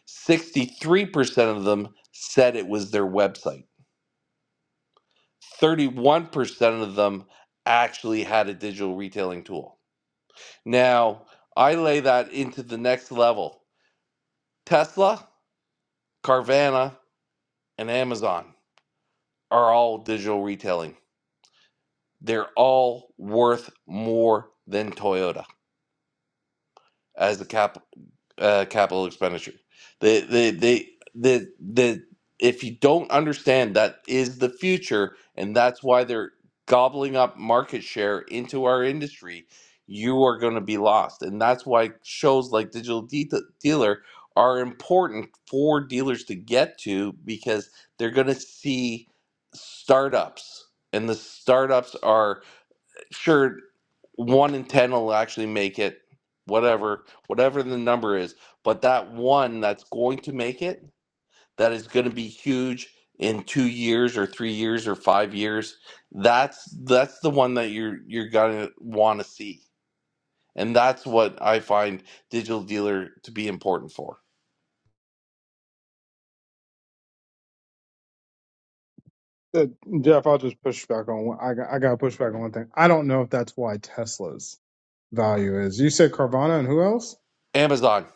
S1: 63% of them said it was their website. 31% of them actually had a digital retailing tool. Now, I lay that into the next level. Tesla, Carvana, and Amazon are all digital retailing. They're all worth more than Toyota as a capitalist. uh, capital expenditure. They, they, they, the the if you don't understand that is the future, and that's why they're gobbling up market share into our industry, you are going to be lost, and that's why shows like Digital De- Dealer are important for dealers to get to because they're going to see startups, and the startups are sure one in ten will actually make it whatever whatever the number is but that one that's going to make it that is going to be huge in two years or three years or five years that's that's the one that you're you're gonna want to see and that's what i find digital dealer to be important for
S14: Uh, Jeff, I'll just push back on. one- I got, I got to push back on one thing. I don't know if that's why Tesla's value is. You said Carvana and who else?
S1: amazon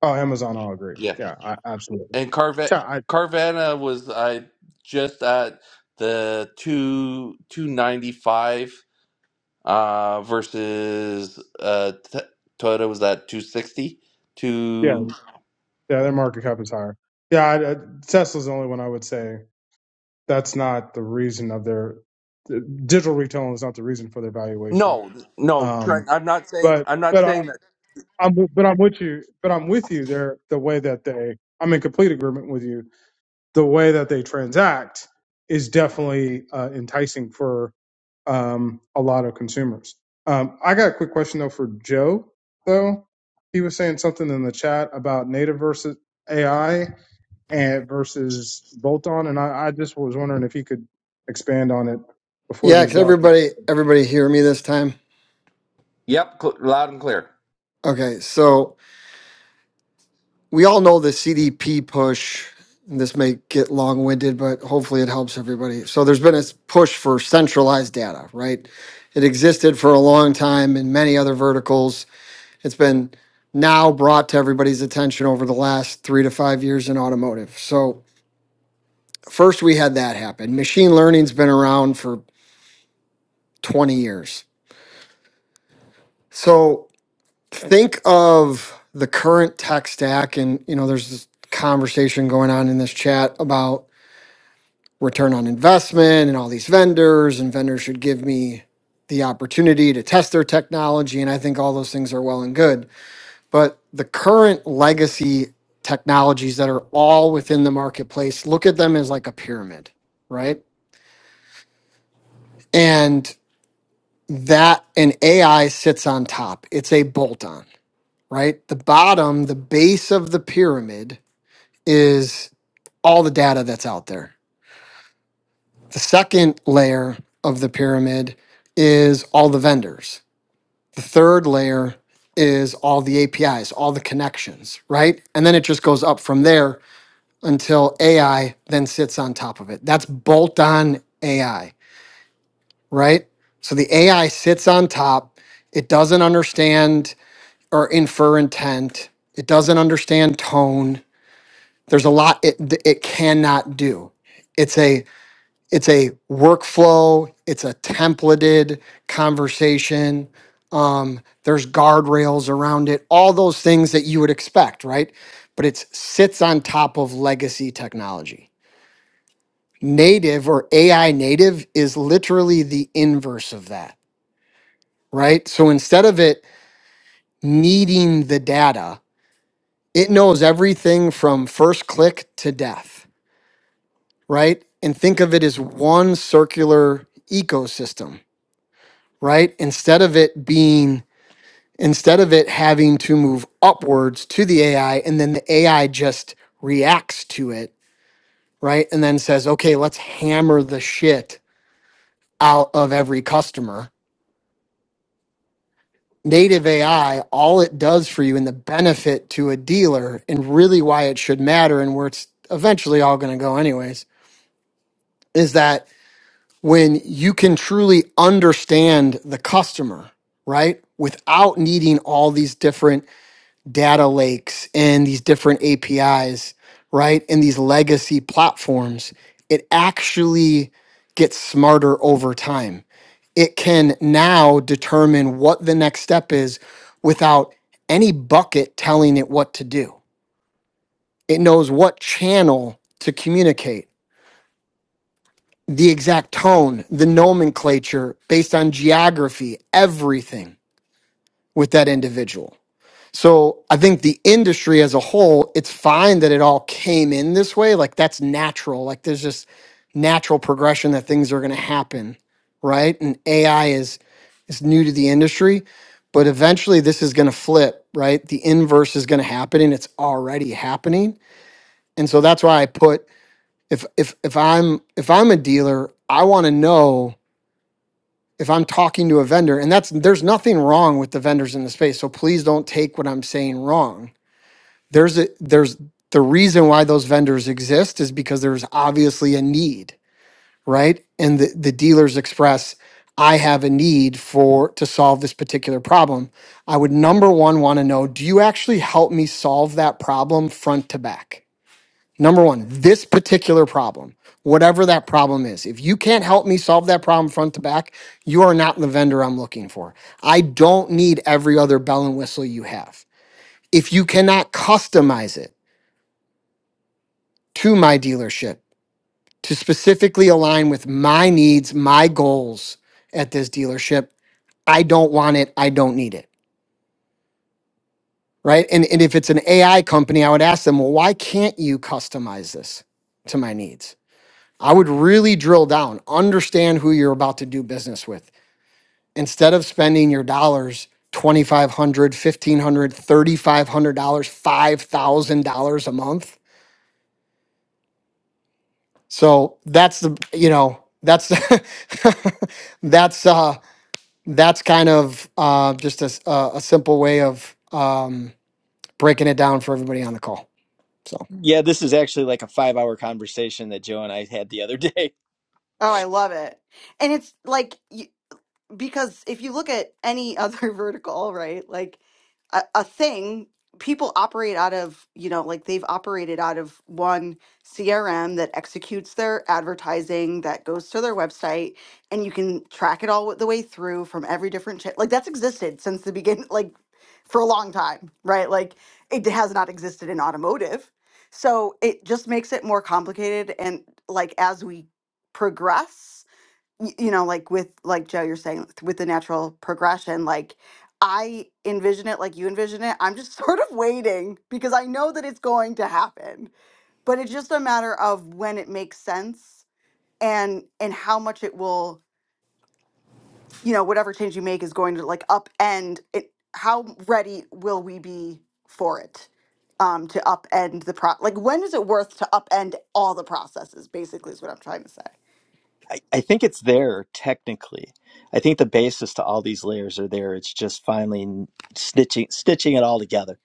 S14: Oh, Amazon. I'll agree.
S1: yeah
S14: Yeah, I, absolutely.
S1: and Carva-
S14: Yeah, I,
S1: carvana was i just at the two 295 uh, versus uh, t- Toyota was at 260
S14: yeah,
S1: to
S14: yeah. Their market cap is higher. Yeah, I, I, Tesla's the only one I would say that's not the reason of their digital retailing is not the reason for their valuation.
S1: no no Trent
S14: Um,
S1: I'm not saying
S14: but
S1: I'm not
S14: but I,
S1: saying that
S14: I'm but I'm with you. But I'm with you. They're the way that they. I'm in complete agreement with you the way that they transact is definitely uh, enticing for um, a lot of consumers. Um, I got a quick question though for Joe. Though he was saying something in the chat about native versus AI and versus bolt-on, and I, I just was wondering if he could expand on it before
S13: Yeah,
S14: these
S13: can
S14: documents.
S13: everybody everybody hear me this time?
S1: yep cl- loud and clear
S13: Okay, so we all know the CDP push. and This may get long-winded, but hopefully it helps everybody. So there's been a s- push for centralized data, right? It existed for a long time in many other verticals It's been now brought to everybody's attention over the last three to five years in automotive. So, first we had that happen. Machine learning's been around for 20 years. So, think of the current tech stack, and you know, there's this conversation going on in this chat about return on investment and all these vendors, and vendors should give me the opportunity to test their technology. And I think all those things are well and good but the current legacy technologies that are all within the marketplace look at them as like a pyramid right and that an ai sits on top it's a bolt on right the bottom the base of the pyramid is all the data that's out there the second layer of the pyramid is all the vendors the third layer is all the apis all the connections right and then it just goes up from there until AI then sits on top of it. That's bolt on AI, right? So the AI sits on top. It doesn't understand or infer intent. It doesn't understand tone. There's a lot it, it cannot do. It's a it's a workflow. It's a templated conversation. Um, there's guardrails around it. All those things that you would expect, right? But it sits on top of legacy technology native or AI native is literally the inverse of that, right? So instead of it needing the data, it knows everything from first click to death, right? And think of it as one circular ecosystem, right? Instead of it being, instead of it having to move upwards to the AI and then the AI just reacts to it, right? And then says, okay, let's hammer the shit out of every customer native AI, all it does for you and the benefit to a dealer, and really why it should matter and where it's eventually all going to go, anyways, is that when you can truly understand the customer, right? Without needing all these different data lakes and these different APIs, right? And these legacy platforms, it actually gets smarter over time. It can now determine what the next step is without any bucket telling it what to do. It knows what channel to communicate, the exact tone, the nomenclature based on geography, everything with that individual. So I think the industry as a whole, it's fine that it all came in this way. Like that's natural. Like there's just natural progression that things are going to happen, right? And AI is is new to the industry, but eventually this is going to flip, right? The inverse is going to happen, and it's already happening. And so that's why I put if if if I'm if I'm a dealer, I want to know if I'm talking to a vendor, and that's there's nothing wrong with the vendors in the space. So please don't take what I'm saying wrong there's a there's the reason why those vendors exist is because there's obviously a need right and the, the dealers express i have a need for to solve this particular problem i would number one want to know do you actually help me solve that problem front to back number one this particular problem whatever that problem is if you can't help me solve that problem front to back you are not the vendor i'm looking for i don't need every other bell and whistle you have if you cannot customize it to my dealership to specifically align with my needs, my goals at this dealership. I don't want it. I don't need it. Right. And, and if it's an AI company, I would ask them, well, why can't you customize this to my needs? I would really drill down, understand who you're about to do business with. Instead of spending your dollars, $2,500, $1,500, $3,500, $5,000 a month, So that's the you know that's that's uh that's kind of uh just a s- a a simple way of um breaking it down for everybody on the call. So
S9: Yeah, this is actually like a five hour conversation that Joe and I had the other day.
S6: Oh, I love it. And it's like y- because if you look at any other vertical, right, like a, a thing, people operate out of, you know, like they've operated out of one CRM that executes their advertising, that goes to their website, and you can track it all the way through from every different channel. Like that's existed since the beginning, like for a long time, right? Like it has not existed in automotive. So it just makes it more complicated. And like as we progress, y- you know, like with like Joe, you're saying with with the natural progression, like I envision it like you envision it. I'm just sort of waiting because I know that it's going to happen. But it's just a matter of when it makes sense and and how much it will, you know, whatever change you make is going to like upend it how ready will we be for it? Um, to upend the pro like when is it worth to upend all the processes, basically is what I'm trying to say.
S9: I, I think it's there technically. I think the basis to all these layers are there. It's just finally stitching stitching it all together.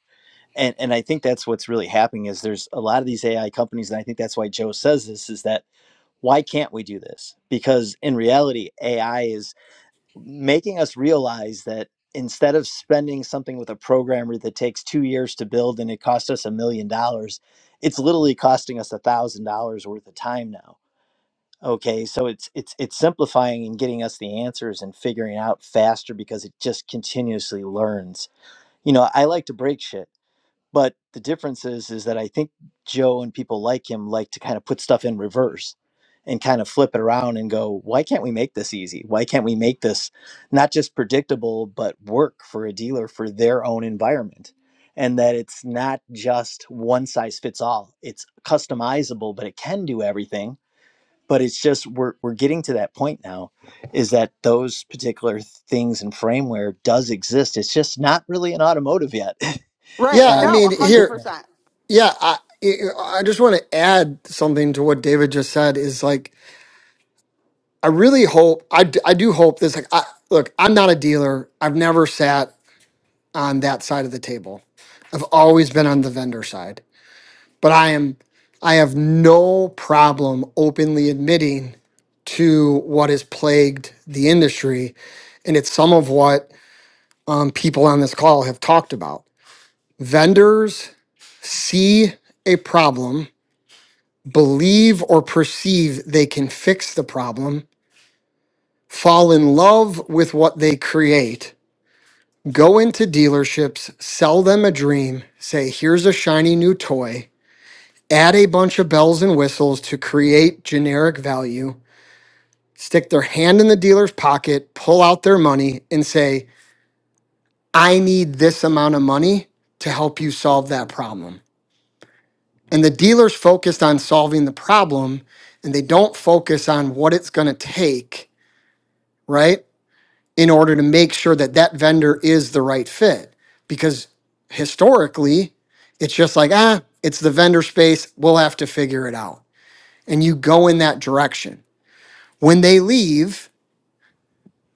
S9: and and I think that's what's really happening is there's a lot of these AI companies, and I think that's why Joe says this is that why can't we do this? Because in reality, AI is making us realize that instead of spending something with a programmer that takes two years to build and it cost us a million dollars, it's literally costing us a thousand dollars worth of time now. Okay, so it's it's it's simplifying and getting us the answers and figuring out faster because it just continuously learns. You know, I like to break shit but the difference is, is that I think Joe and people like him like to kind of put stuff in reverse and kind of flip it around and go, why can't we make this easy? Why can't we make this not just predictable, but work for a dealer for their own environment? And that it's not just one size fits all. It's customizable, but it can do everything. But it's just we're we're getting to that point now, is that those particular things and frameware does exist. It's just not really an automotive yet.
S6: Right.
S13: yeah, I
S9: Uh,
S6: No,
S13: mean
S9: it's getting
S13: here
S9: there.
S6: 100%.
S13: yeah I I I just want to add something to what David just said is like I really hope I d- I do hope this like I look I'm not a dealer I've never sat on that side of the table I've always been on the vendor side but I am I have no problem openly admitting to what has plagued the industry, and it's some of what um, people on this call have talked about. Vendors see a problem, believe or perceive they can fix the problem, fall in love with what they create, go into dealerships, sell them a dream, say, "Here's a shiny new toy." add a bunch of bells and whistles to create generic value, stick their hand in the dealer's pocket, pull out their money, and say, I need this amount of money to help you solve that problem. And the dealer's focused on solving the problem and they don't focus on what it's going to take, right? In order to make sure that that vendor is the right fit. Because historically, it's just like, ah, it's the vendor space. We'll have to figure it out. And you go in that direction When they leave,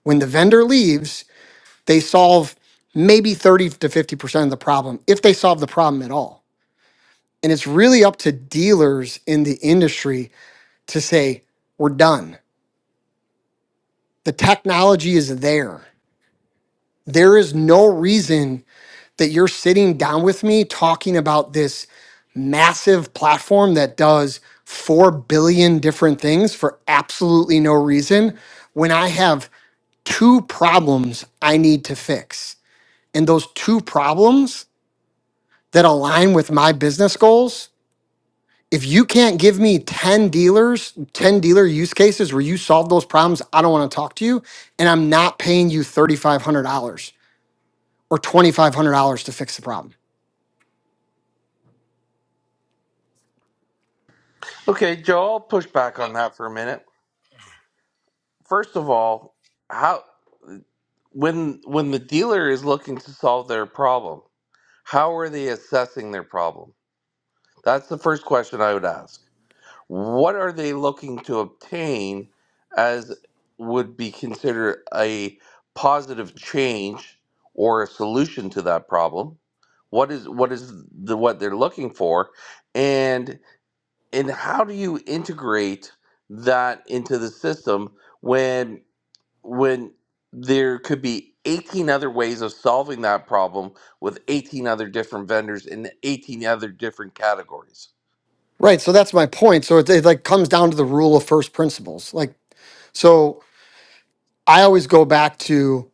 S13: when the vendor leaves, they solve maybe 30 to 50% of the problem, if they solve the problem at all. And it's really up to dealers in the industry to say, we're done. The technology is there. There is no reason that you're sitting down with me talking about this massive platform that does 4 billion different things for absolutely no reason when I have two problems I need to fix. and those two problems that align with my business goals, if you can't give me 10 dealers, 10 dealer use cases where you solve those problems, I don't want to talk to you. And I'm not paying you $3,500 or $2,500 to fix the problem.
S1: okay Joe I'll push back on that for a minute first of all how when when the dealer is looking to solve their problem how are they assessing their problem that's the first question I would ask what are they looking to obtain as would be considered a positive change or a solution to that problem what is what is the what they're looking for and and how do you integrate that into the system when when there could be 18 other ways of solving that problem with 18 other different vendors in 18 other different categories
S13: Right. So that's my point. So it, it like comes down to the rule of first principles. Like, so I always go back to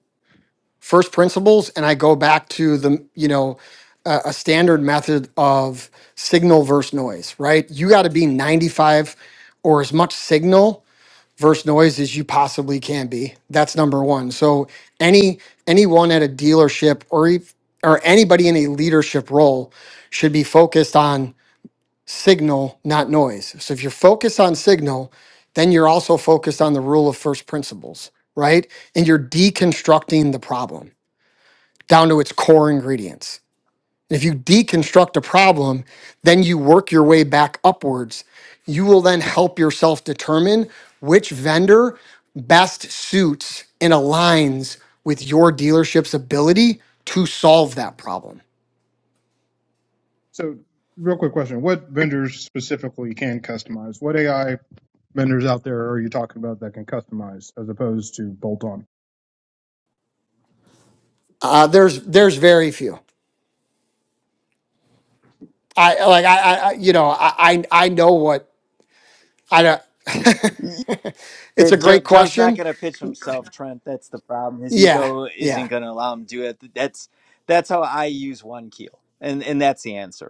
S13: first principles and I go back to the, you know, a, a standard method of signal versus noise, right? You got to be 95 or as much signal versus noise as you possibly can be. That's number 1. So any anyone at a dealership or ev- or anybody in a leadership role should be focused on signal, not noise. So if you're focused on signal, then you're also focused on the rule of first principles, right? And you're deconstructing the problem down to its core ingredients. If you deconstruct a problem, then you work your way back upwards. You will then help yourself determine which vendor best suits and aligns with your dealership's ability to solve that problem.
S14: So, real quick question: What vendors specifically can customize? What AI vendors out there are you talking about that can customize as opposed to bolt-on?
S13: Uh, there's there's very few. I like I, I I- you know I I I know what I don't.
S9: Yeah,
S13: it's a
S9: Joe,
S13: great
S9: Joe's not
S13: question.
S9: going to pitch himself, Trent. That's the problem. His
S13: Yeah,
S9: ego isn't
S13: yeah.
S9: going to allow him to do it. That's that's how I use one keel, and and that's the answer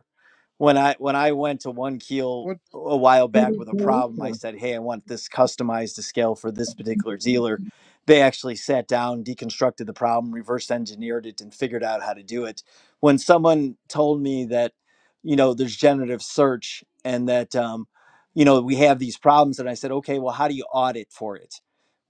S9: when I when I went to one keel
S14: What
S9: a while
S14: who does
S9: back with
S14: that
S9: a
S14: work
S9: problem,
S14: for?
S9: I said, "Hey, I want this customized to scale for this particular dealer." They actually sat down, deconstructed the problem, reverse engineered it, and figured out how to do it. When someone told me that, you know, there's generative search and that, um, you know, we have these problems, and I said, "Okay, well, how do you audit for it?"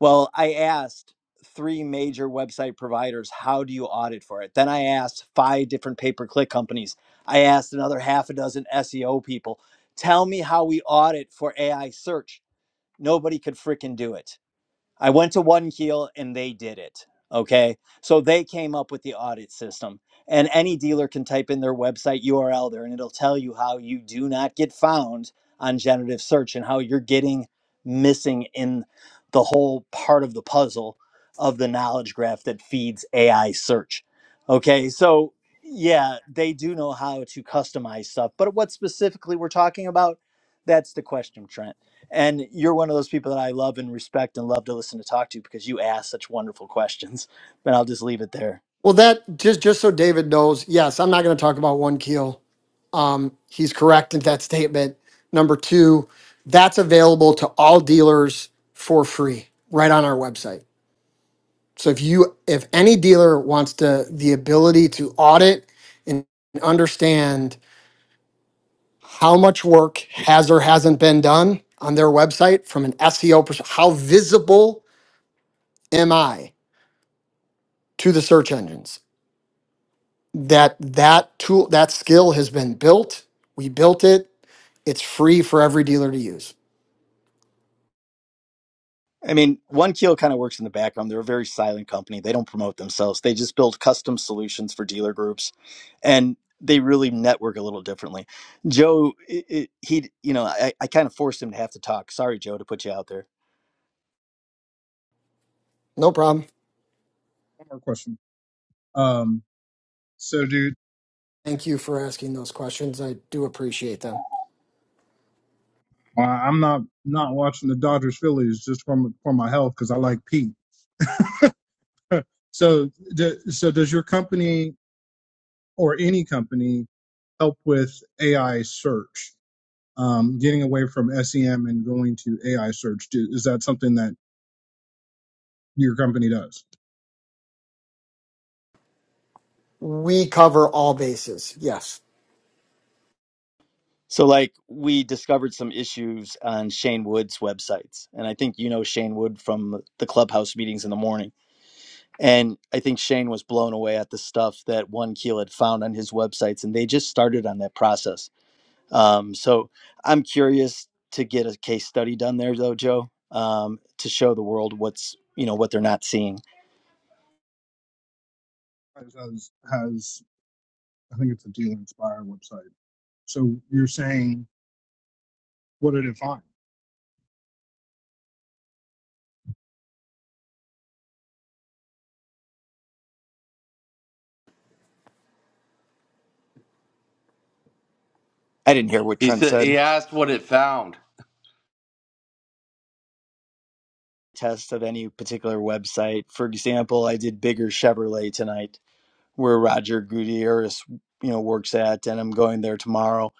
S9: Well, I asked three major website providers, "How do you audit for it?" Then I asked five different pay-per-click companies I asked another half a dozen SEO people, tell me how we audit for AI search. Nobody could freaking do it I went to One Keel and they did it. Okay. So they came up with the audit system. And any dealer can type in their website URL there and it'll tell you how you do not get found on generative search and how you're getting missing in the whole part of the puzzle of the knowledge graph that feeds AI search. Okay. So, yeah, they do know how to customize stuff. But what specifically we're talking about, that's the question, Trent. And you're one of those people that I love and respect and love to listen to talk to because you ask such wonderful questions. But I'll just leave it there.
S13: Well, that just just so David knows, yes, I'm not going to talk about one keel Um, he's correct in that statement. Number two, that's available to all dealers for free right on our website. So if you, if any dealer wants to, the ability to audit and understand how much work has or hasn't been done on their website from an SEO perspective, how visible am I to the search engines? That, that tool, that skill has been built. We built it. It's free for every dealer to use.
S9: I mean, One Keel kind of works in the background. They're a very silent company. They don't promote themselves. They just build custom solutions for dealer groups, and they really network a little differently. Joe, i i he, you know, I, I kind of forced him to have to talk. Sorry, Joe, to put you out there.
S13: No problem.
S14: One more question. Um, so, dude,
S13: Thank you for asking those questions. I do appreciate them.
S14: uh, I'm not not watching the Dodgers Phillies just for my, for my health because I like Pete. So, d so does your company or any company help with AI search, um, getting away from SEM and going to AI search? Do, is that something that your company does?
S13: We cover all bases. Yes.
S9: So, like, we discovered some issues on Shane Wood's websites, and I think you know Shane Wood from the clubhouse meetings in the morning And I think Shane was blown away at the stuff that One Keel had found on his websites, and they just started on that process. Um, so I'm curious to get a case study done there, though, Joe, um, to show the world what's you know what they're not seeing.
S14: Has, has has I think it's a Dealer Inspire website. So you're saying what did it find?
S9: I didn't hear what
S1: he
S9: Trent
S1: said
S9: said.
S1: he asked what it found
S9: Test of any particular website. For example, I did bigger Chevrolet tonight where Roger Gutierrez, you know, works at, and I'm going there tomorrow.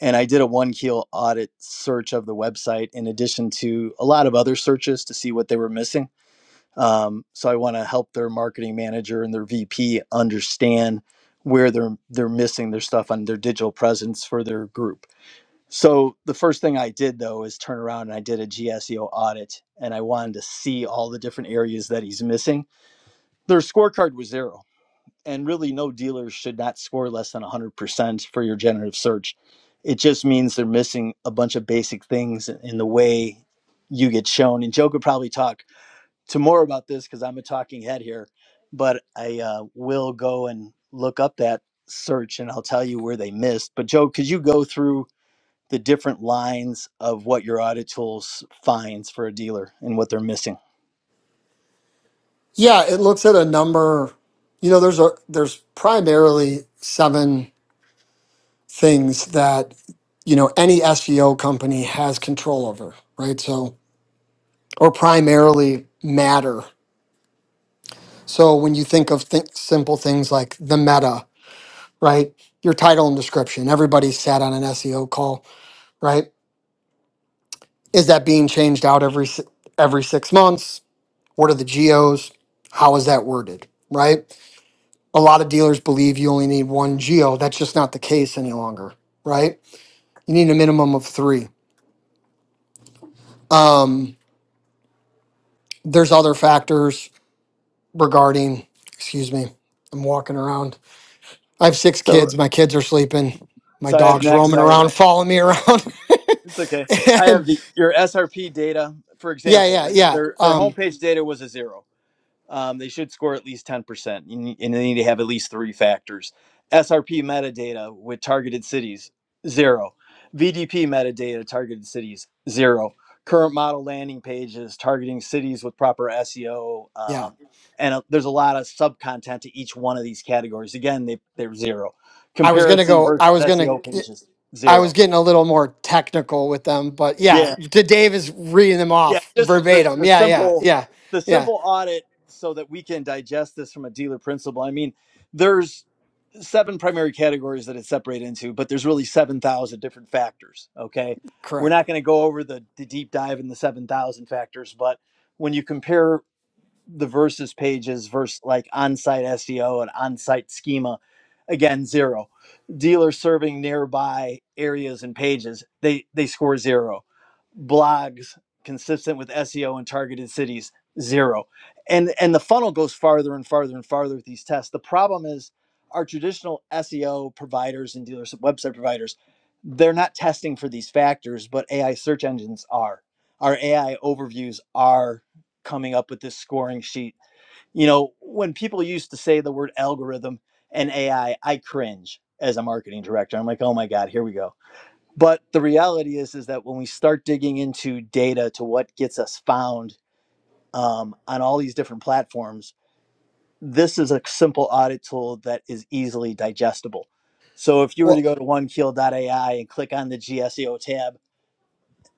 S9: And I did a one keel audit search of the website in addition to a lot of other searches to see what they were missing. Um, so I want to help their marketing manager and their VP understand where they're they're missing their stuff on their digital presence for their group. So the first thing I did though is turn around and I did a GSEO audit and I wanted to see all the different areas that he's missing. Their scorecard was zero and really no dealer should not score less than 100% for your generative search it just means they're missing a bunch of basic things in the way you get shown and joe could probably talk to more about this because i'm a talking head here but i uh, will go and look up that search and i'll tell you where they missed but joe could you go through the different lines of what your audit tools finds for a dealer and what they're missing
S13: Yeah, it looks at a number. You know, there's a there's primarily seven things that you know any SEO company has control over, right? So or primarily matter. So when you think of th- simple things like the meta, right? Your title and description. Everybody's sat on an SEO call, right? Is that being changed out every si- every 6 months? What are the geos? How is that worded? Right? A lot of dealers believe you only need one geo. That's just not the case any longer, right? You need a minimum of three. Um, there's other factors regarding, excuse me, I'm walking around. I have six
S9: so
S13: kids. My kids are sleeping. My
S9: so i have
S13: dog's
S9: next
S13: roaming
S9: i have
S13: around, following me around.
S9: It's okay. I
S13: and
S9: have the your SRP data. For
S13: yeah,
S9: example,
S13: yeah,
S9: they,
S13: yeah.
S9: their their
S13: Um,
S9: homepage data was a zero. Um, they should score at least ten percent, and they need to have at least three factors. SRP metadata with targeted cities zero. VDP metadata targeted cities zero. Current model landing pages targeting cities with proper SEO,
S13: yeah.
S9: um, and uh there's a lot of sub content to each one of these categories. Again, they they're zero.
S13: I was gonna
S9: Comparison
S13: go. I
S9: versus
S13: was gonna.
S9: SEO pages
S13: I
S9: zero.
S13: was getting a little more technical with them, but yeah,
S9: Yeah,
S13: D- Dave is reading them
S9: Yeah,
S13: off
S9: just the,
S13: verbatim.
S9: the
S13: Yeah, yeah,
S9: simple
S13: yeah,
S9: the
S13: yeah.
S9: simple audit so that we can digest this from a dealer principle. I mean, there's seven primary categories that it's separated into, but there's really 7,000 different factors, okay? We're
S13: Correct.
S9: not going to go over the, the deep dive in the 7,000 factors, but when you compare the versus pages versus like on-site SEO and on-site schema. Again, zero. Dealer serving nearby areas and pages, they they score zero. Blogs consistent with SEO and targeted cities, zero. And and the funnel goes farther and farther and farther with these tests. The problem is our traditional SEO providers and dealers website providers, they're not testing for these factors, but AI search engines are. Our AI overviews are coming up with this scoring sheet. You know, when people used to say the word algorithm and AI, I I cringe as a marketing director. I'm like, "Oh my god, here we go." But the reality is is that when we start digging into data to what gets us found um, on all these different platforms, this is a simple audit tool that is easily digestible. So if you were to
S13: Well,
S9: go to onekeel.ai and click on the GSEO tab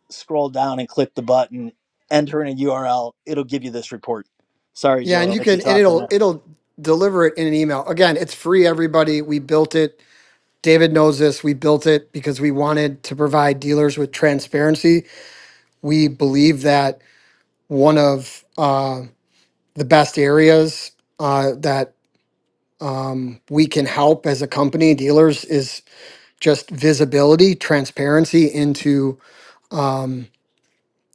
S9: scroll down and click the button, enter in a URL, it'll give you this report. Sorry,
S13: yeah,
S9: Joe,
S13: and
S9: I'll
S13: you
S9: let you
S13: can, and
S9: talk from
S13: it'll
S9: there.
S13: it'll deliver it in an email. Again, it's free. Everybody, we built it. David knows this. We built it because we wanted to provide dealers with transparency. We believe that one of uh, the best areas uh, that um, we can help as a company, dealers, is just visibility, transparency into um,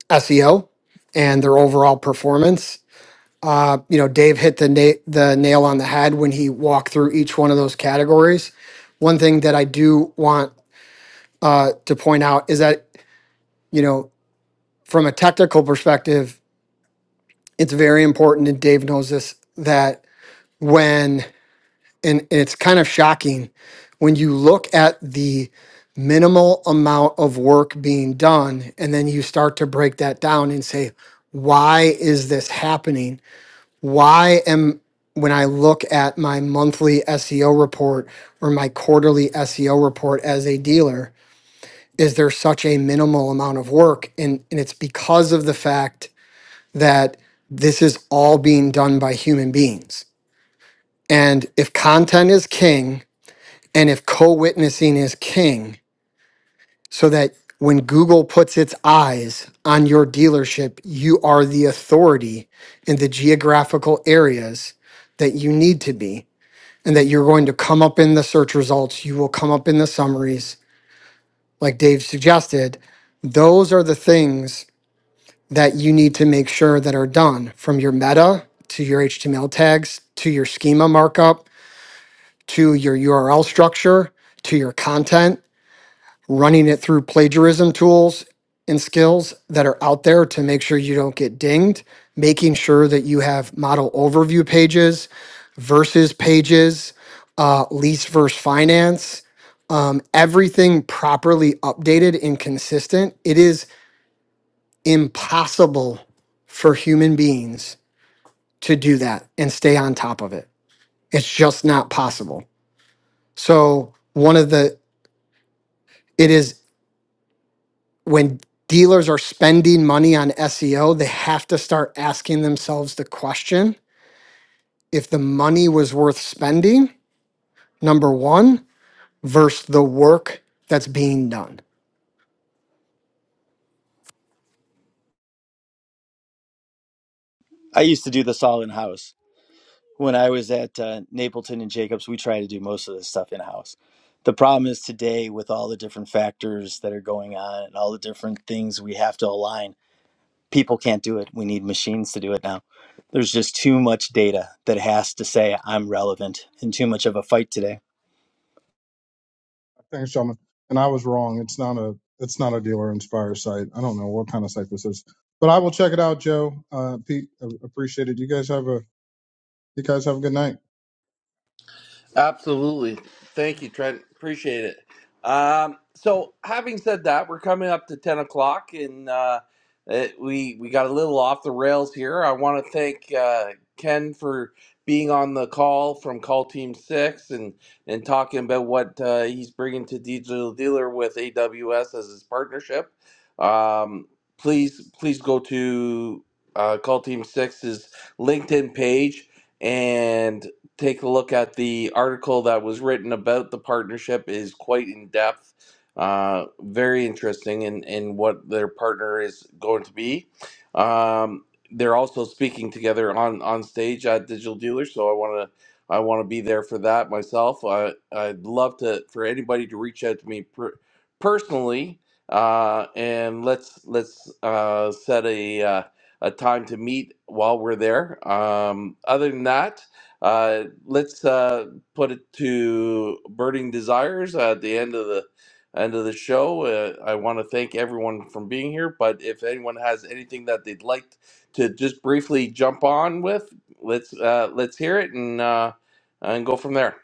S13: SEO and their overall performance. Uh, you know, Dave hit the na- the nail on the head when he walked through each one of those categories. One thing that I do want uh, to point out is that you know, from a technical perspective, it's very important, and Dave knows this that when and it's kind of shocking when you look at the minimal amount of work being done and then you start to break that down and say why is this happening why am when i look at my monthly seo report or my quarterly seo report as a dealer is there such a minimal amount of work and, and it's because of the fact that this is all being done by human beings and if content is king and if co witnessing is king, so that when Google puts its eyes on your dealership, you are the authority in the geographical areas that you need to be, and that you're going to come up in the search results, you will come up in the summaries, like Dave suggested. Those are the things that you need to make sure that are done from your meta to your HTML tags to your schema markup to your URL structure to your content running it through plagiarism tools and skills that are out there to make sure you don't get dinged, making sure that you have model overview pages, versus pages, uh, lease versus finance, um, everything properly updated and consistent. It is impossible for human beings to do that and stay on top of it. It's just not possible. So, one of the, it is when dealers are spending money on SEO, they have to start asking themselves the question if the money was worth spending, number one, versus the work that's being done.
S9: I used to do this all in house. When I was at uh, Napleton and Jacobs, we try to do most of this stuff in house. The problem is today, with all the different factors that are going on and all the different things we have to align, people can't do it. We need machines to do it now. There's just too much data that has to say I'm relevant and too much of a fight today.
S14: Thanks, gentlemen. And I was wrong. It's not a it's not a dealer inspire site. I don't know what kind of site this is, but I will check it out, Joe. Uh, Pete, I appreciate it. You guys have a you guys have a good night.
S1: Absolutely. Thank you, Trent. Appreciate it. Um, so, having said that, we're coming up to 10 o'clock and uh, it, we, we got a little off the rails here. I want to thank uh, Ken for being on the call from Call Team 6 and, and talking about what uh, he's bringing to Digital Dealer with AWS as his partnership. Um, please, please go to uh, Call Team Six's LinkedIn page and take a look at the article that was written about the partnership is quite in depth uh, very interesting in, in what their partner is going to be um, they're also speaking together on on stage at digital Dealers, so i want to i want to be there for that myself I, i'd love to for anybody to reach out to me per, personally uh, and let's let's uh, set a uh, a time to meet while we're there um, other than that uh, let's uh, put it to burning desires uh, at the end of the end of the show. Uh, I want to thank everyone from being here, but if anyone has anything that they'd like to just briefly jump on with, let's uh, let's hear it and uh, and go from there.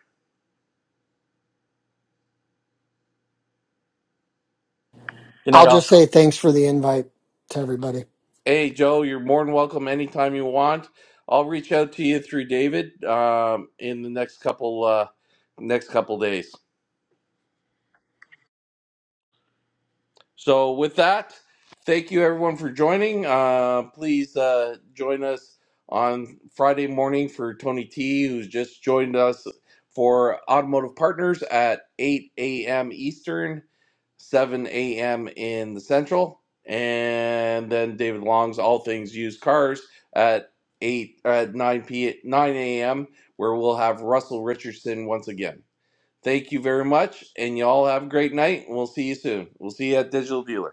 S9: Good night,
S13: I'll
S9: all.
S13: just say thanks for the invite to everybody.
S1: Hey, Joe, you're more than welcome anytime you want. I'll reach out to you through David um, in the next couple uh, next couple days. So, with that, thank you everyone for joining. Uh, please uh, join us on Friday morning for Tony T, who's just joined us for Automotive Partners at 8 a.m. Eastern, 7 a.m. in the Central, and then David Long's All Things Used Cars at 8 at 9 p 9 a.m. where we'll have Russell Richardson once again. Thank you very much, and y'all have a great night. And we'll see you soon. We'll see you at Digital Dealer.